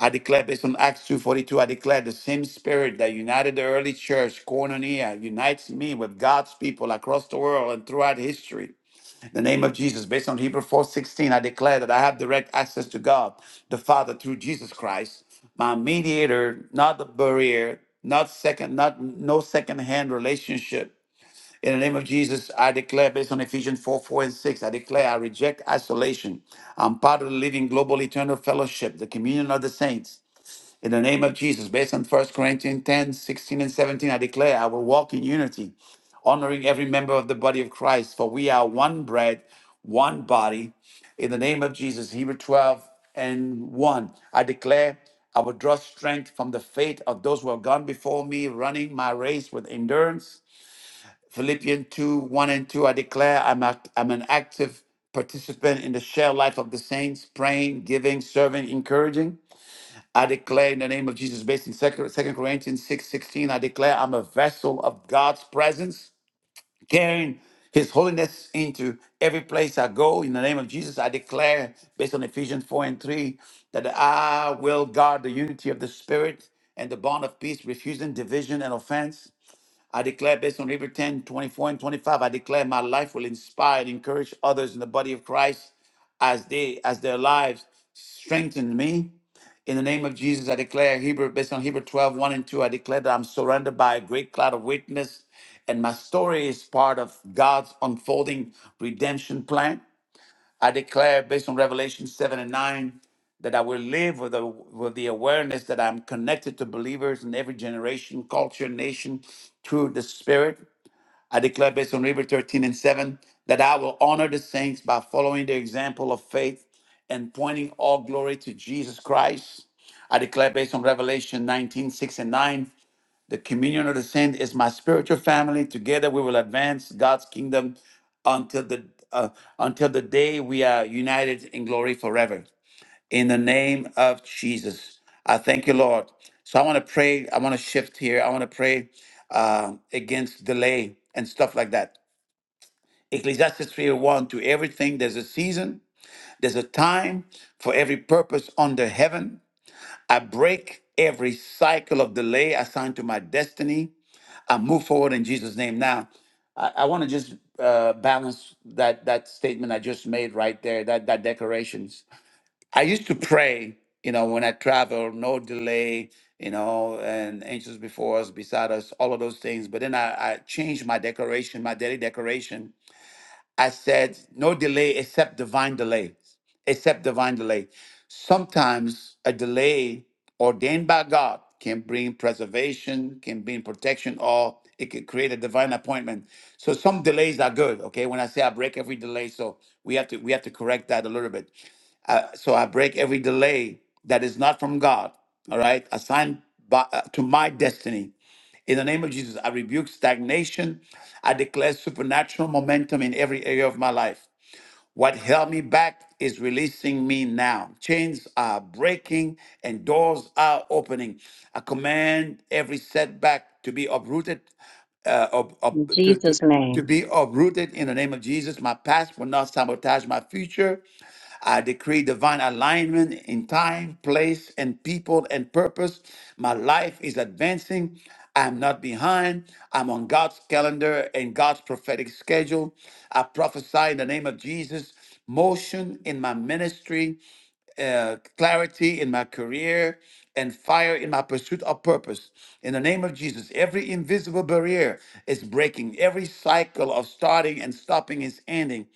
I declare based on Acts 2.42, I declare the same spirit that united the early church, Koinonia, unites me with God's people across the world and throughout history. The name of Jesus, based on Hebrews 4.16, I declare that I have direct access to God, the Father, through Jesus Christ, my mediator, not the barrier, not second, not no second-hand relationship. In the name of Jesus, I declare, based on Ephesians 4 4 and 6, I declare I reject isolation. I'm part of the living global eternal fellowship, the communion of the saints. In the name of Jesus, based on First Corinthians 10, 16, and 17, I declare I will walk in unity, honoring every member of the body of Christ, for we are one bread, one body. In the name of Jesus, Hebrew 12 and 1, I declare I will draw strength from the faith of those who have gone before me, running my race with endurance. Philippians 2, 1 and 2, I declare I'm, act- I'm an active participant in the shared life of the saints, praying, giving, serving, encouraging. I declare in the name of Jesus, based in Second Corinthians six sixteen, I declare I'm a vessel of God's presence, carrying his holiness into every place I go. In the name of Jesus, I declare, based on Ephesians 4 and 3, that I will guard the unity of the Spirit and the bond of peace, refusing division and offense. I declare based on Hebrews 10, 24, and 25, I declare my life will inspire and encourage others in the body of Christ as they as their lives strengthen me. In the name of Jesus, I declare Hebrew, based on Hebrew twelve, one and 2, I declare that I'm surrounded by a great cloud of witness, and my story is part of God's unfolding redemption plan. I declare, based on Revelation 7 and 9, that I will live with the, with the awareness that I'm connected to believers in every generation, culture, nation through the Spirit. I declare, based on Hebrews 13 and 7, that I will honor the saints by following their example of faith and pointing all glory to Jesus Christ. I declare, based on Revelation 19:6 and 9, the communion of the saints is my spiritual family. Together we will advance God's kingdom until the uh, until the day we are united in glory forever. In the name of Jesus, I thank you, Lord. So I want to pray. I want to shift here. I want to pray uh, against delay and stuff like that. Ecclesiastes three oh one to everything there's a season, there's a time for every purpose under heaven. I break every cycle of delay assigned to my destiny I move forward in Jesus' name. Now, I, I want to just uh, balance that that statement I just made right there. That that decorations. I used to pray, you know, when I travel, no delay, you know, and angels before us, beside us, all of those things. But then I, I changed my declaration, my daily declaration. I said, no delay except divine delay, except divine delay. Sometimes a delay ordained by God can bring preservation, can bring protection, or it can create a divine appointment. So some delays are good. Okay, when I say I break every delay, so we have to we have to correct that a little bit. Uh, so I break every delay that is not from God. All right, assigned by, uh, to my destiny. In the name of Jesus, I rebuke stagnation. I declare supernatural momentum in every area of my life. What held me back is releasing me now. Chains are breaking and doors are opening. I command every setback to be uprooted uh, of, of, In to, to, Jesus to name. be uprooted in the name of Jesus. My past will not sabotage my future. I decree divine alignment in time, place, and people and purpose. My life is advancing. I'm not behind. I'm on God's calendar and God's prophetic schedule. I prophesy in the name of Jesus motion in my ministry uh, clarity in my career and fire in my pursuit of purpose. In the name of Jesus, every invisible barrier is breaking, every cycle of starting and stopping is ending.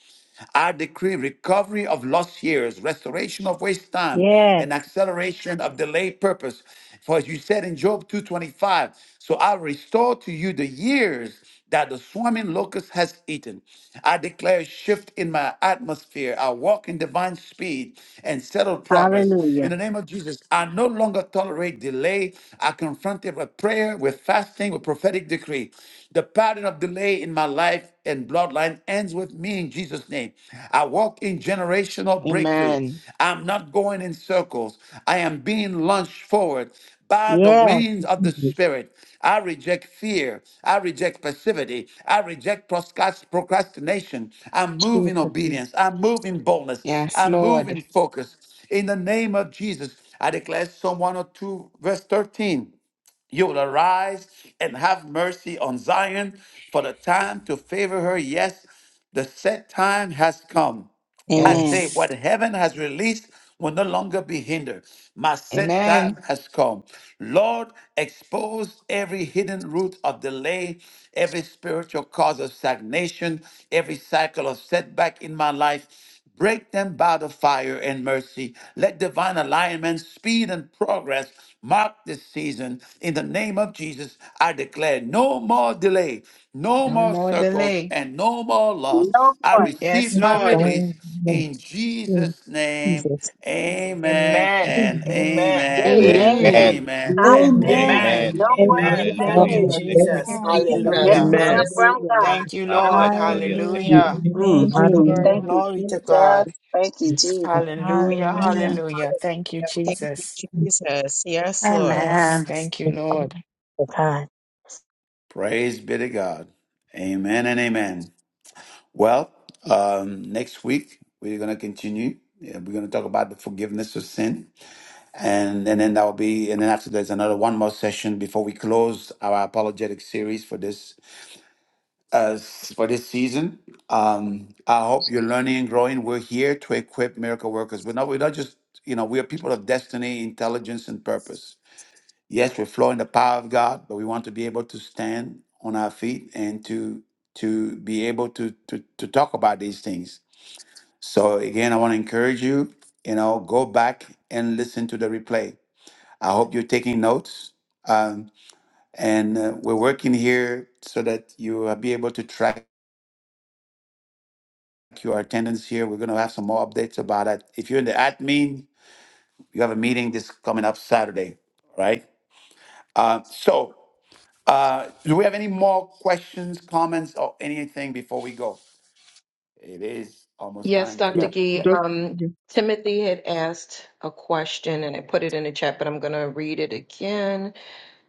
I decree recovery of lost years, restoration of waste time, Yes. and acceleration of delayed purpose. For as you said in Job 2:25, so I restore to you the years that the swarming locust has eaten. I declare a shift in my atmosphere. I walk in divine speed and settled progress. In Hallelujah. the name of Jesus, I no longer tolerate delay. I confront it with prayer, with fasting, with prophetic decree. The pattern of delay in my life and bloodline ends with me in Jesus' name. I walk in generational breakthrough. Amen. I'm not going in circles. I am being launched forward by the Yes. winds of the Spirit. I reject fear. I reject passivity. I reject proscas- procrastination. I move in Jesus. name. obedience. I move in boldness. Yes, I move Lord. in focus. In the name of Jesus, I declare Psalm 102, verse 13. You will arise and have mercy on Zion, for the time to favor her, yes, the set time has come. I Amen. say, Yes. what heaven has released will no longer be hindered. My set time Amen. has come. Lord, expose every hidden root of delay, every spiritual cause of stagnation, every cycle of setback in my life. Break them by the fire and mercy. Let divine alignment, speed, and progress mark this season. In the name of Jesus, I declare no more delay, no No more more circles, delay. and no more loss. No I more. Yes, receive my the Lord. phone. release in Jesus' name, Jesus. amen Amen. and Amen. amen Amen. and Amen. Amen. amen and Amen. Amen. Hallelujah. Amen. Amen. amen. No one Hallelujah. Amen. Amen. Thank Hallelujah. you, is saved Amen. Thank Thank you, Jesus. you, Amen. Lord. Thank you, unless Jesus. Hallelujah. they are Amen. Jesus. from Hallelujah. Thank you, God. Lord. Hallelujah. Thank Hallelujah. Hallelujah. you, Jesus. Thank you, Hallelujah. hmm Thank Lord. you, Glory to God. Jesus. Thank you, Jesus. Hallelujah. Hallelujah. Hallelujah. Thank you, Thank you, Jesus. Jesus. Yes, Lord. Yes. Amen. Thank you, Lord. God. Praise be to God. Amen and amen. Well, um, next week we're going to continue. Yeah, We're going to talk about the forgiveness of sin, and and then that will be, and then after there's another one more session before we close our apologetic series for this uh, for this season. Um, I hope you're learning and growing. We're here to equip miracle workers. We're not, we're not just, you know, we are people of destiny, intelligence, and purpose. Yes, we flow in the power of God, but we want to be able to stand on our feet and to to be able to to, to talk about these things. So again, I want to encourage you, you know, go back and listen to the replay. I hope you're taking notes. Um, and uh, we're working here so that you will be able to track your attendance here. We're going to have some more updates about it. If you're in the admin, you have a meeting this coming up Saturday, right? Uh, so, uh, do we have any more questions, comments, or anything before we go? It is almost Yes, time to Dr. Yeah. go. Gee, Dr. um, Timothy had asked a question, and I put it in the chat, but I'm going to read it again.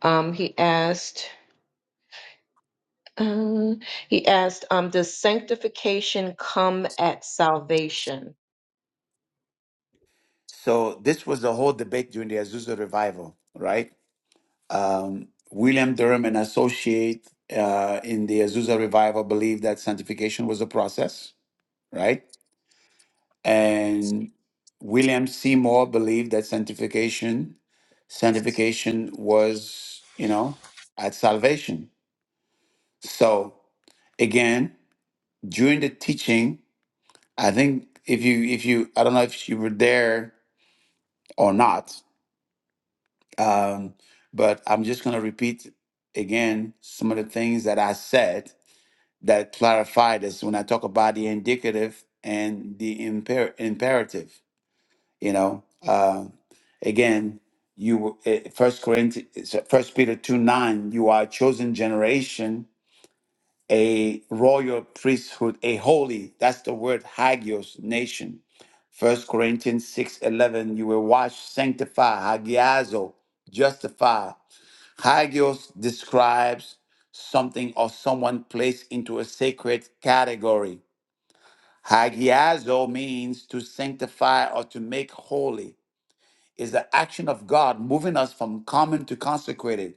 Um, he asked. Uh, he asked, um, does sanctification come at salvation? So, this was the whole debate during the Azusa revival, right? Um, William Durham and associate uh, in the Azusa revival believed that sanctification was a process, right? And William Seymour believed that sanctification, sanctification was, you know, at salvation. So again, during the teaching, I think if you if you I don't know if you were there or not, um, but I'm just gonna repeat again some of the things that I said that clarify this when I talk about the indicative and the imper- imperative. you know um, again you first corinthians first peter 2 9 you are a chosen generation a royal priesthood a holy that's the word hagios nation first corinthians six eleven you were washed sanctified hagiazo justified hagios describes something or someone placed into a sacred category hagiazo means to sanctify or to make holy is the action of God moving us from common to consecrated.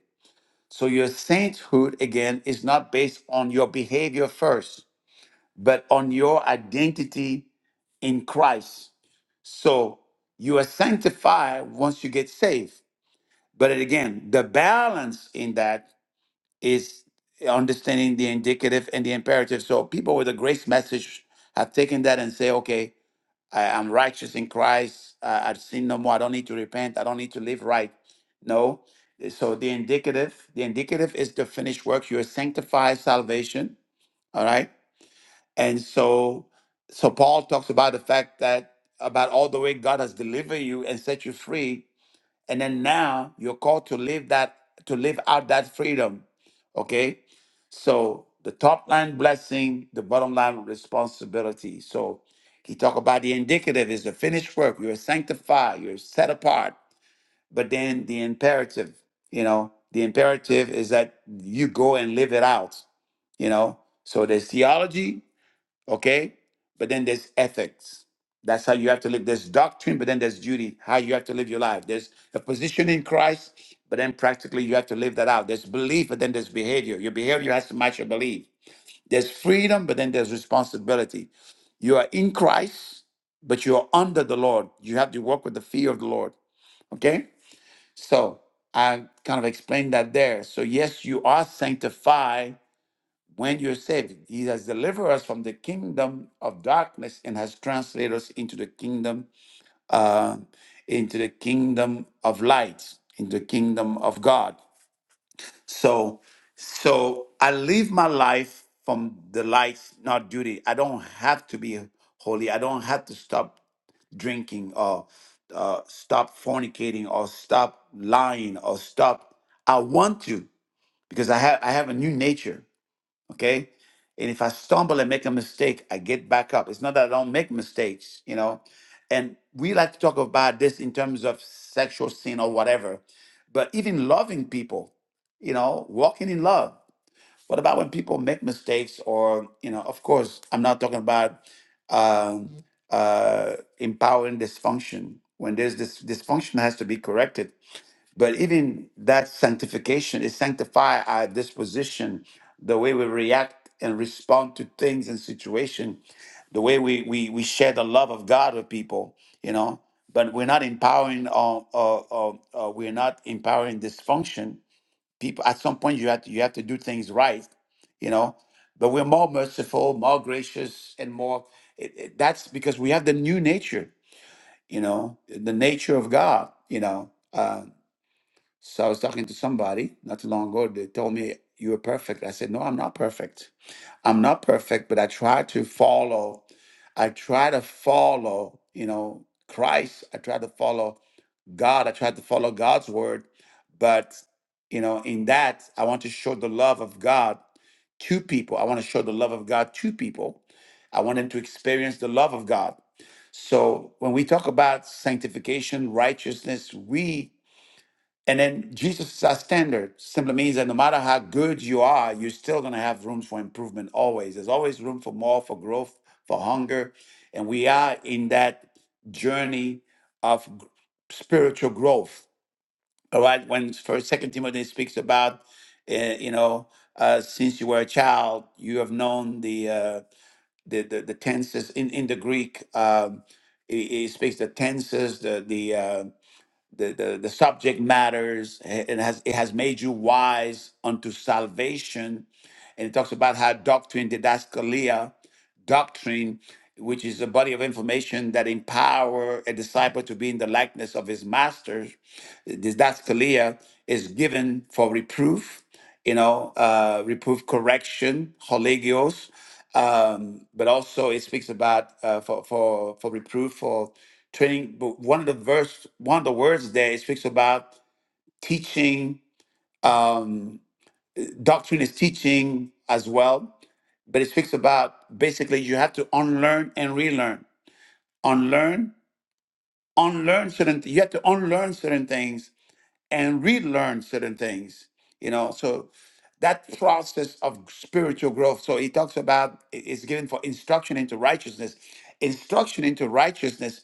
So your sainthood, again, is not based on your behavior first, but on your identity in Christ. So you are sanctified once you get saved. But again, the balance in that is understanding the indicative and the imperative. So people with a grace message have taken that and say, okay, I am righteous in Christ. I, I've sinned no more. I don't need to repent. I don't need to live right. No. So the indicative, the indicative is the finished work. You are sanctified salvation. All right. And so, so Paul talks about the fact that about all the way God has delivered you and set you free and then now you're called to live that, to live out that freedom. Okay. So the top line blessing, the bottom line responsibility. So he talked about the indicative is the finished work. You're sanctified, you're set apart. But then the imperative, you know, the imperative is that you go and live it out, you know. So there's theology, Okay? But then there's ethics. That's how you have to live. There's doctrine, but then there's duty, how you have to live your life. There's a position in Christ, but then practically you have to live that out. There's belief, but then there's behavior. Your behavior has to match your belief. There's freedom, but then there's responsibility. You are in Christ, but you are under the Lord. You have to walk with the fear of the Lord. Okay? So I kind of explained that there. So, yes, you are sanctified when you're saved, He has delivered us from the kingdom of darkness and has translated us into the kingdom, uh, into the kingdom of light, into the kingdom of God. So, so I live my life from the light, not duty. I don't have to be holy. I don't have to stop drinking or uh, stop fornicating or stop lying or stop. I want to because I have I have a new nature. Okay. And if I stumble and make a mistake, I get back up. It's not that I don't make mistakes, you know. And we like to talk about this in terms of sexual sin or whatever, but even loving people, you know, walking in love. What about when people make mistakes or, you know, of course, I'm not talking about um, uh, empowering dysfunction. When there's this dysfunction has to be corrected, but even that sanctification is sanctify our disposition, the way we react and respond to things and situation, the way we we we share the love of God with people, you know. But we're not empowering or or, or, or we're not empowering dysfunction. People at some point you have to you have to do things right, you know. But we're more merciful, more gracious, and more. It, it, that's because we have the new nature, you know, the nature of God, you know. Uh, so I was talking to somebody not too long ago. They told me you were perfect. I said, no, I'm not perfect. I'm not perfect, but I try to follow. I try to follow, you know, Christ. I try to follow God. I try to follow God's word. But, you know, in that, I want to show the love of God to people. I want to show the love of God to people. I want them to experience the love of God. So when we talk about sanctification, righteousness, we and then Jesus is our standard. Simply means that no matter how good you are, you're still going to have room for improvement always. There's always room for more, for growth, for hunger. And we are in that journey of g- spiritual growth. All right. When first, second Timothy speaks about, uh, you know, uh, since you were a child, you have known the uh, the, the the tenses in in the Greek. Um, it, it speaks the tenses, the the uh, the, the, the subject matters eh, it has it has made you wise unto salvation and it talks about how doctrine didascalia doctrine, which is a body of information that empower a disciple to be in the likeness of his master, this didascalia is given for reproof, you know, uh, reproof, correction, holigios, um, but also it speaks about uh, for for for reproof for training. But one of the verse, one of the words there, it speaks about teaching. Um, doctrine is teaching as well but it speaks about basically you have to unlearn and relearn. Unlearn, unlearn certain you have to unlearn certain things and relearn certain things. You know, so that process of spiritual growth. So he talks about i- it's given for instruction into righteousness. Instruction into righteousness.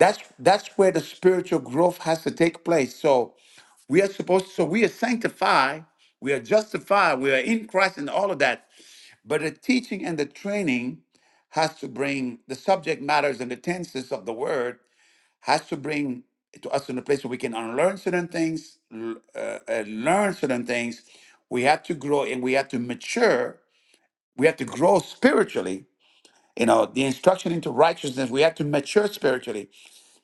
That's that's where the spiritual growth has to take place. So we are supposed so we are sanctified, we are justified, we are in Christ and all of that. But the teaching and the training has to bring the subject matters and the tenses of the word has to bring to us in a place where we can unlearn certain things, l- uh, uh, learn certain things. We have to grow and we have to mature. We have to grow spiritually. You know, the instruction into righteousness, we have to mature spiritually.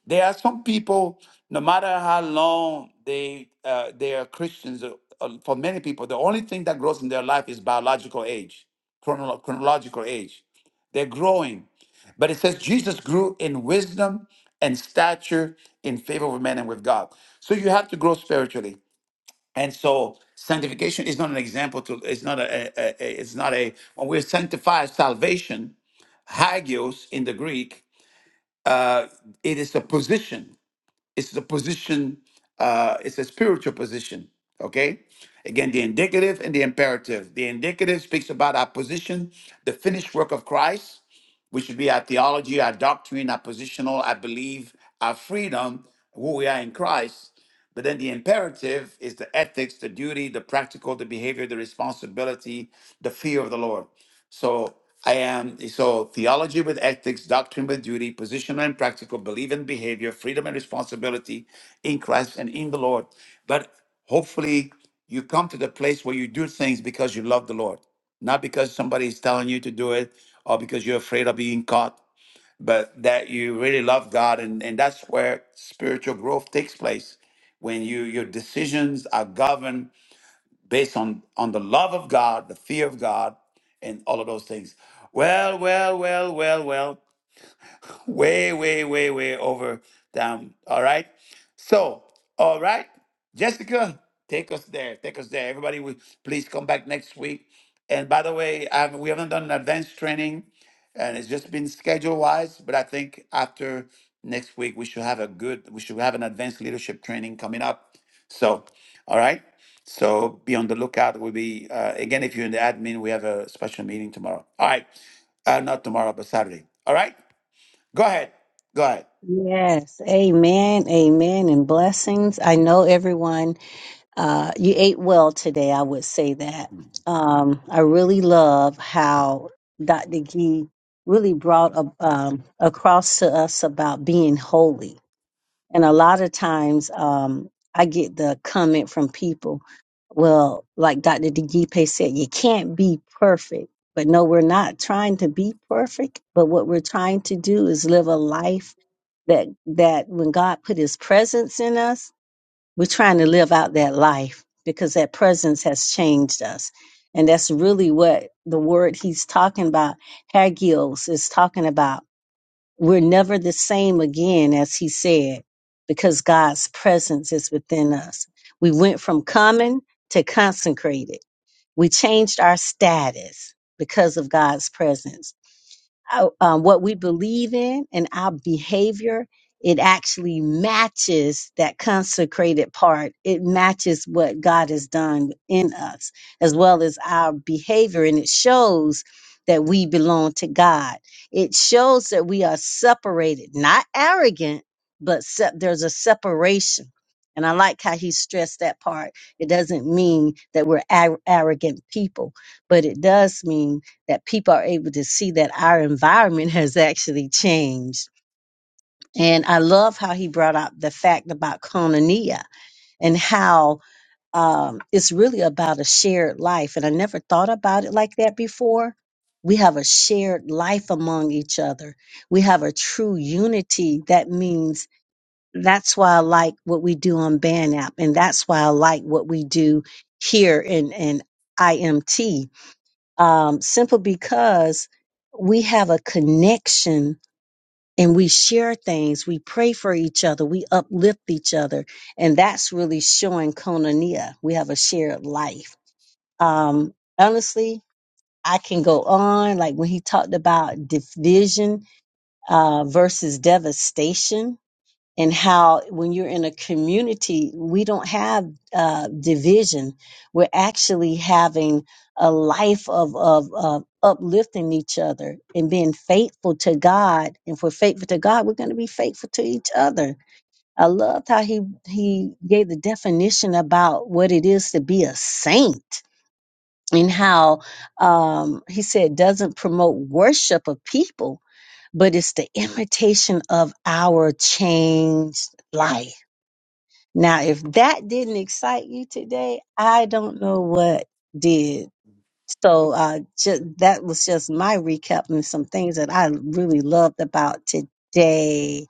There are some people, no matter how long they uh, they are Christians, uh, uh, for many people, the only thing that grows in their life is biological age, chronolo- chronological age. They're growing, but it says Jesus grew in wisdom and stature, in favor with men and with God. So you have to grow spiritually, and so sanctification is not an example to. It's not a. a, a it's not a. When we're sanctified, salvation hagios in the Greek. Uh, it is a position. It's the position, uh, it's a spiritual position. Okay? Again, the indicative and the imperative. The indicative speaks about our position, the finished work of Christ, which should be our theology, our doctrine, our positional, I believe, our freedom, who we are in Christ. But then the imperative is the ethics, the duty, the practical, the behavior, the responsibility, the fear of the Lord. So I am so theology with ethics, doctrine with duty, positional and practical, belief and behavior, freedom and responsibility in Christ and in the Lord. But hopefully you come to the place where you do things because you love the Lord, not because somebody is telling you to do it or because you're afraid of being caught, but that you really love God and, and that's where spiritual growth takes place. When you your decisions are governed based on on the love of God, the fear of God, and all of those things. Well, well, well, well, well way, way, way, way over down. All right. So, all right, Jessica, take us there. Take us there. Everybody, will please come back next week. And by the way, i we haven't done an advanced training, and it's just been schedule wise. But I think after next week, we should have a good. We should have an advanced leadership training coming up. So, all right. So be on the lookout. We'll be uh, again if you're in the admin, we have a special meeting tomorrow. All right, uh, not tomorrow, but Saturday. All right. Go ahead. Go ahead. Yes, amen, amen, and blessings. I know everyone, uh, you ate well today, I would say that. Um, I really love how Dr. Gee really brought a, um, across to us about being holy. And a lot of times, um, I get the comment from people, well, like Dr. DeGipe said, you can't be perfect. But no, we're not trying to be perfect. But what we're trying to do is live a life that, that when God put his presence in us, we're trying to live out that life because that presence has changed us. And that's really what the word he's talking about, hagios, is talking about we're never the same again, as he said, because God's presence is within us. We went from common to consecrated. We changed our status because of God's presence uh, um, what we believe in and our behavior, it actually matches that consecrated part. It matches what God has done in us, as well as our behavior. And it shows that we belong to God. It shows that we are separated, not arrogant, but se- there's a separation. And I like how he stressed that part. It doesn't mean that we're ar- arrogant people, but it does mean that people are able to see that our environment has actually changed. And I love how he brought up the fact about Konania and how um, it's really about a shared life. And I never thought about it like that before. We have a shared life among each other. We have a true unity. That means that's why I like what we do on Band App, and that's why I like what we do here in, in IMT um, simply because we have a connection and we share things. We pray for each other. We uplift each other. And that's really showing koinonia. We have a shared life. Um, honestly, I can go on. Like when he talked about division uh, versus devastation, and how when you're in a community, we don't have uh, division. We're actually having a life of, of, of uplifting each other and being faithful to God. And If we're faithful to God, we're going to be faithful to each other. I loved how he he gave the definition about what it is to be a saint and how um, he said doesn't promote worship of people, but it's the imitation of our changed life now, if that didn't excite you today, I don't know what did. So, uh, just, that was just my recap and some things that I really loved about today.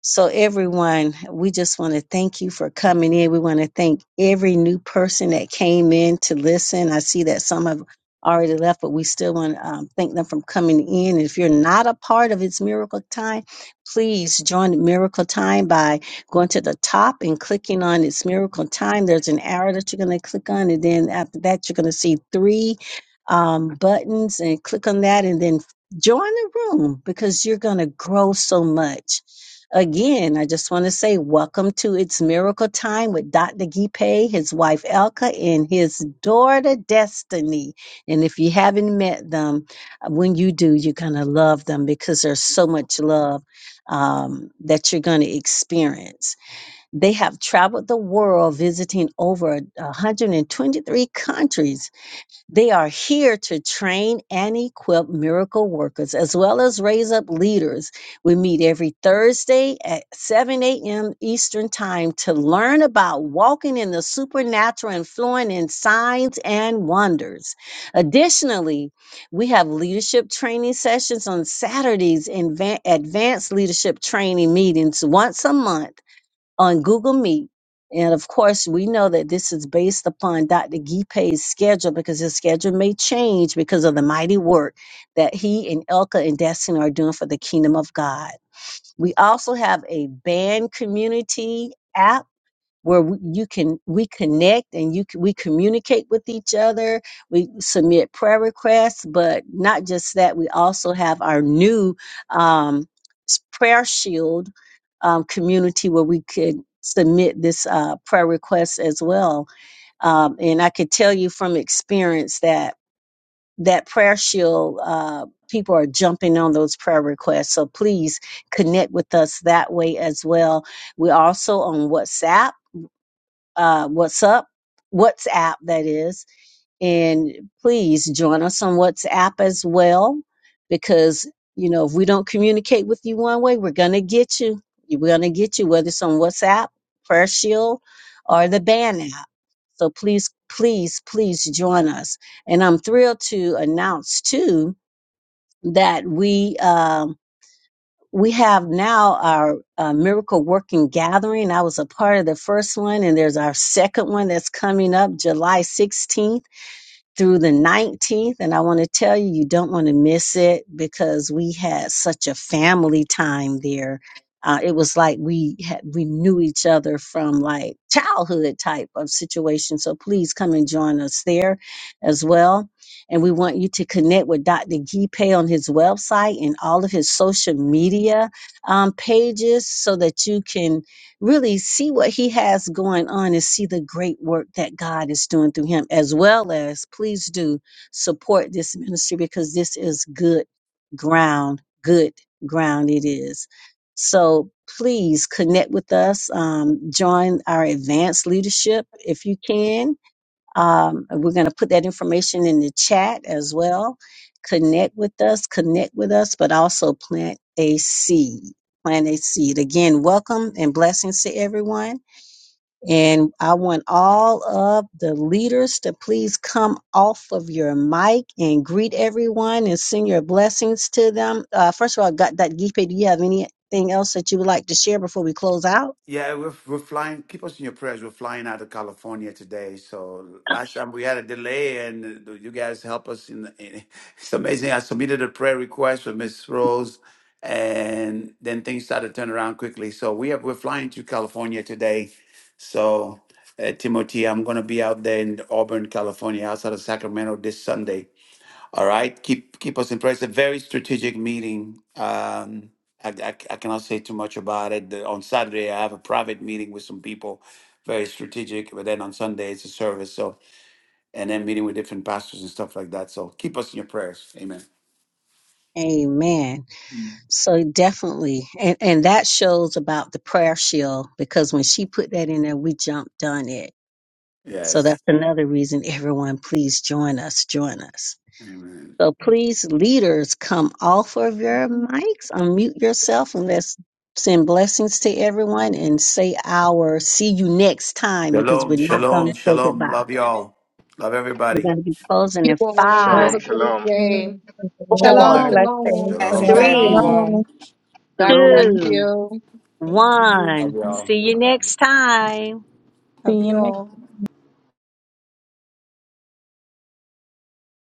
So, everyone, we just want to thank you for coming in. We want to thank every new person that came in to listen. I see that some have already left, but we still want to um, thank them from coming in. If you're not a part of It's Miracle Time, please join Miracle Time by going to the top and clicking on It's Miracle Time. There's an arrow that you're going to click on, and then after that, you're going to see three um, buttons and click on that and then join the room because you're going to grow so much Again, I just want to say welcome to It's Miracle Time with Dr. Gipe, his wife Elka, and his daughter Destiny. And if you haven't met them, uh, when you do, you're going to love them because there's so much love um, that you're going to experience. They have traveled the world visiting over 123 countries they are here to train and equip miracle workers as well as raise up leaders. We meet every Thursday at 7 a.m. Eastern Time to learn about walking in the supernatural and flowing in signs and wonders. Additionally, we have leadership training sessions on Saturdays and va- advanced leadership training meetings once a month on Google Meet. And of course, we know that this is based upon Dr. Gipe's schedule because his schedule may change because of the mighty work that he and Elka and Destiny are doing for the kingdom of God. We also have a band community app where we, you can we connect and you c- we communicate with each other we submit prayer requests but not just that we also have our new um, s- prayer shield um, community where we could submit this uh, prayer request as well um, and i could tell you from experience that that prayer shield uh, people are jumping on those prayer requests so please connect with us that way as well we're also on whatsapp uh, what's up, WhatsApp that is. And please join us on WhatsApp as well, because, you know, if we don't communicate with you one way, we're going to get you. We're going to get you, whether it's on WhatsApp, Prayer Shield, or the Ban app. So please, please, please join us. And I'm thrilled to announce too that we, um, we have now our uh, miracle working gathering. I was a part of the first one, and there's our second one that's coming up July 16th through the 19th. And I want to tell you, you don't want to miss it because we had such a family time there. Uh, it was like we had we knew each other from like childhood type of situation. So please come and join us there as well. And we want you to connect with Dr. Gipe on his website and all of his social media um, pages so that you can really see what he has going on and see the great work that God is doing through him, as well as please do support this ministry because this is good ground, good ground it is. So please connect with us, um, join our advanced leadership if you can um, we're going to put that information in the chat as well. Connect with us, connect with us, but also plant a seed. Plant a seed. Again, welcome and blessings to everyone. And I want all of the leaders to please come off of your mic and greet everyone and send your blessings to them. Uh, first of all, God, Dr. Gipe, do you have anything else that you would like to share before we close out? Yeah, we're, we're flying. Keep us in your prayers. We're flying out of California today. So last time we had a delay, and you guys help us. In, in it's amazing. I submitted a prayer request for Miss Rose, and then things started to turn around quickly. So we have we're flying to California today. So uh, Timothy, I'm going to be out there in Auburn, California, outside of Sacramento this Sunday. All right, keep keep us in prayer. It's a very strategic meeting. Um, I, I, I cannot say too much about it. The- on Saturday, I have a private meeting with some people, very strategic. But then on Sunday, it's a service. So and then meeting with different pastors and stuff like that. So keep us in your prayers. Amen. Amen. Mm. So definitely, and and that shows about the prayer shield because when she put that in there, we jumped on it. So that's Yes. another reason. Everyone, please join us. Join us. Amen. So please, leaders, come off of your mics, unmute yourself, and let's send blessings to everyone and say our see you next time because Shalom, we're not going shalom, to say shalom. goodbye. Love y'all. Love We're everybody. going to be closing You in all Bless have a five, you. great day. Wonderful Shalom, four, Shalom. blessings. shalom. Blessings, Shalom. Shalom, three, Shalom. everyone. shalom. God bless Shalom. two, you. Thank- one. Love See y'all. See you Bye. next time. Love you you next all.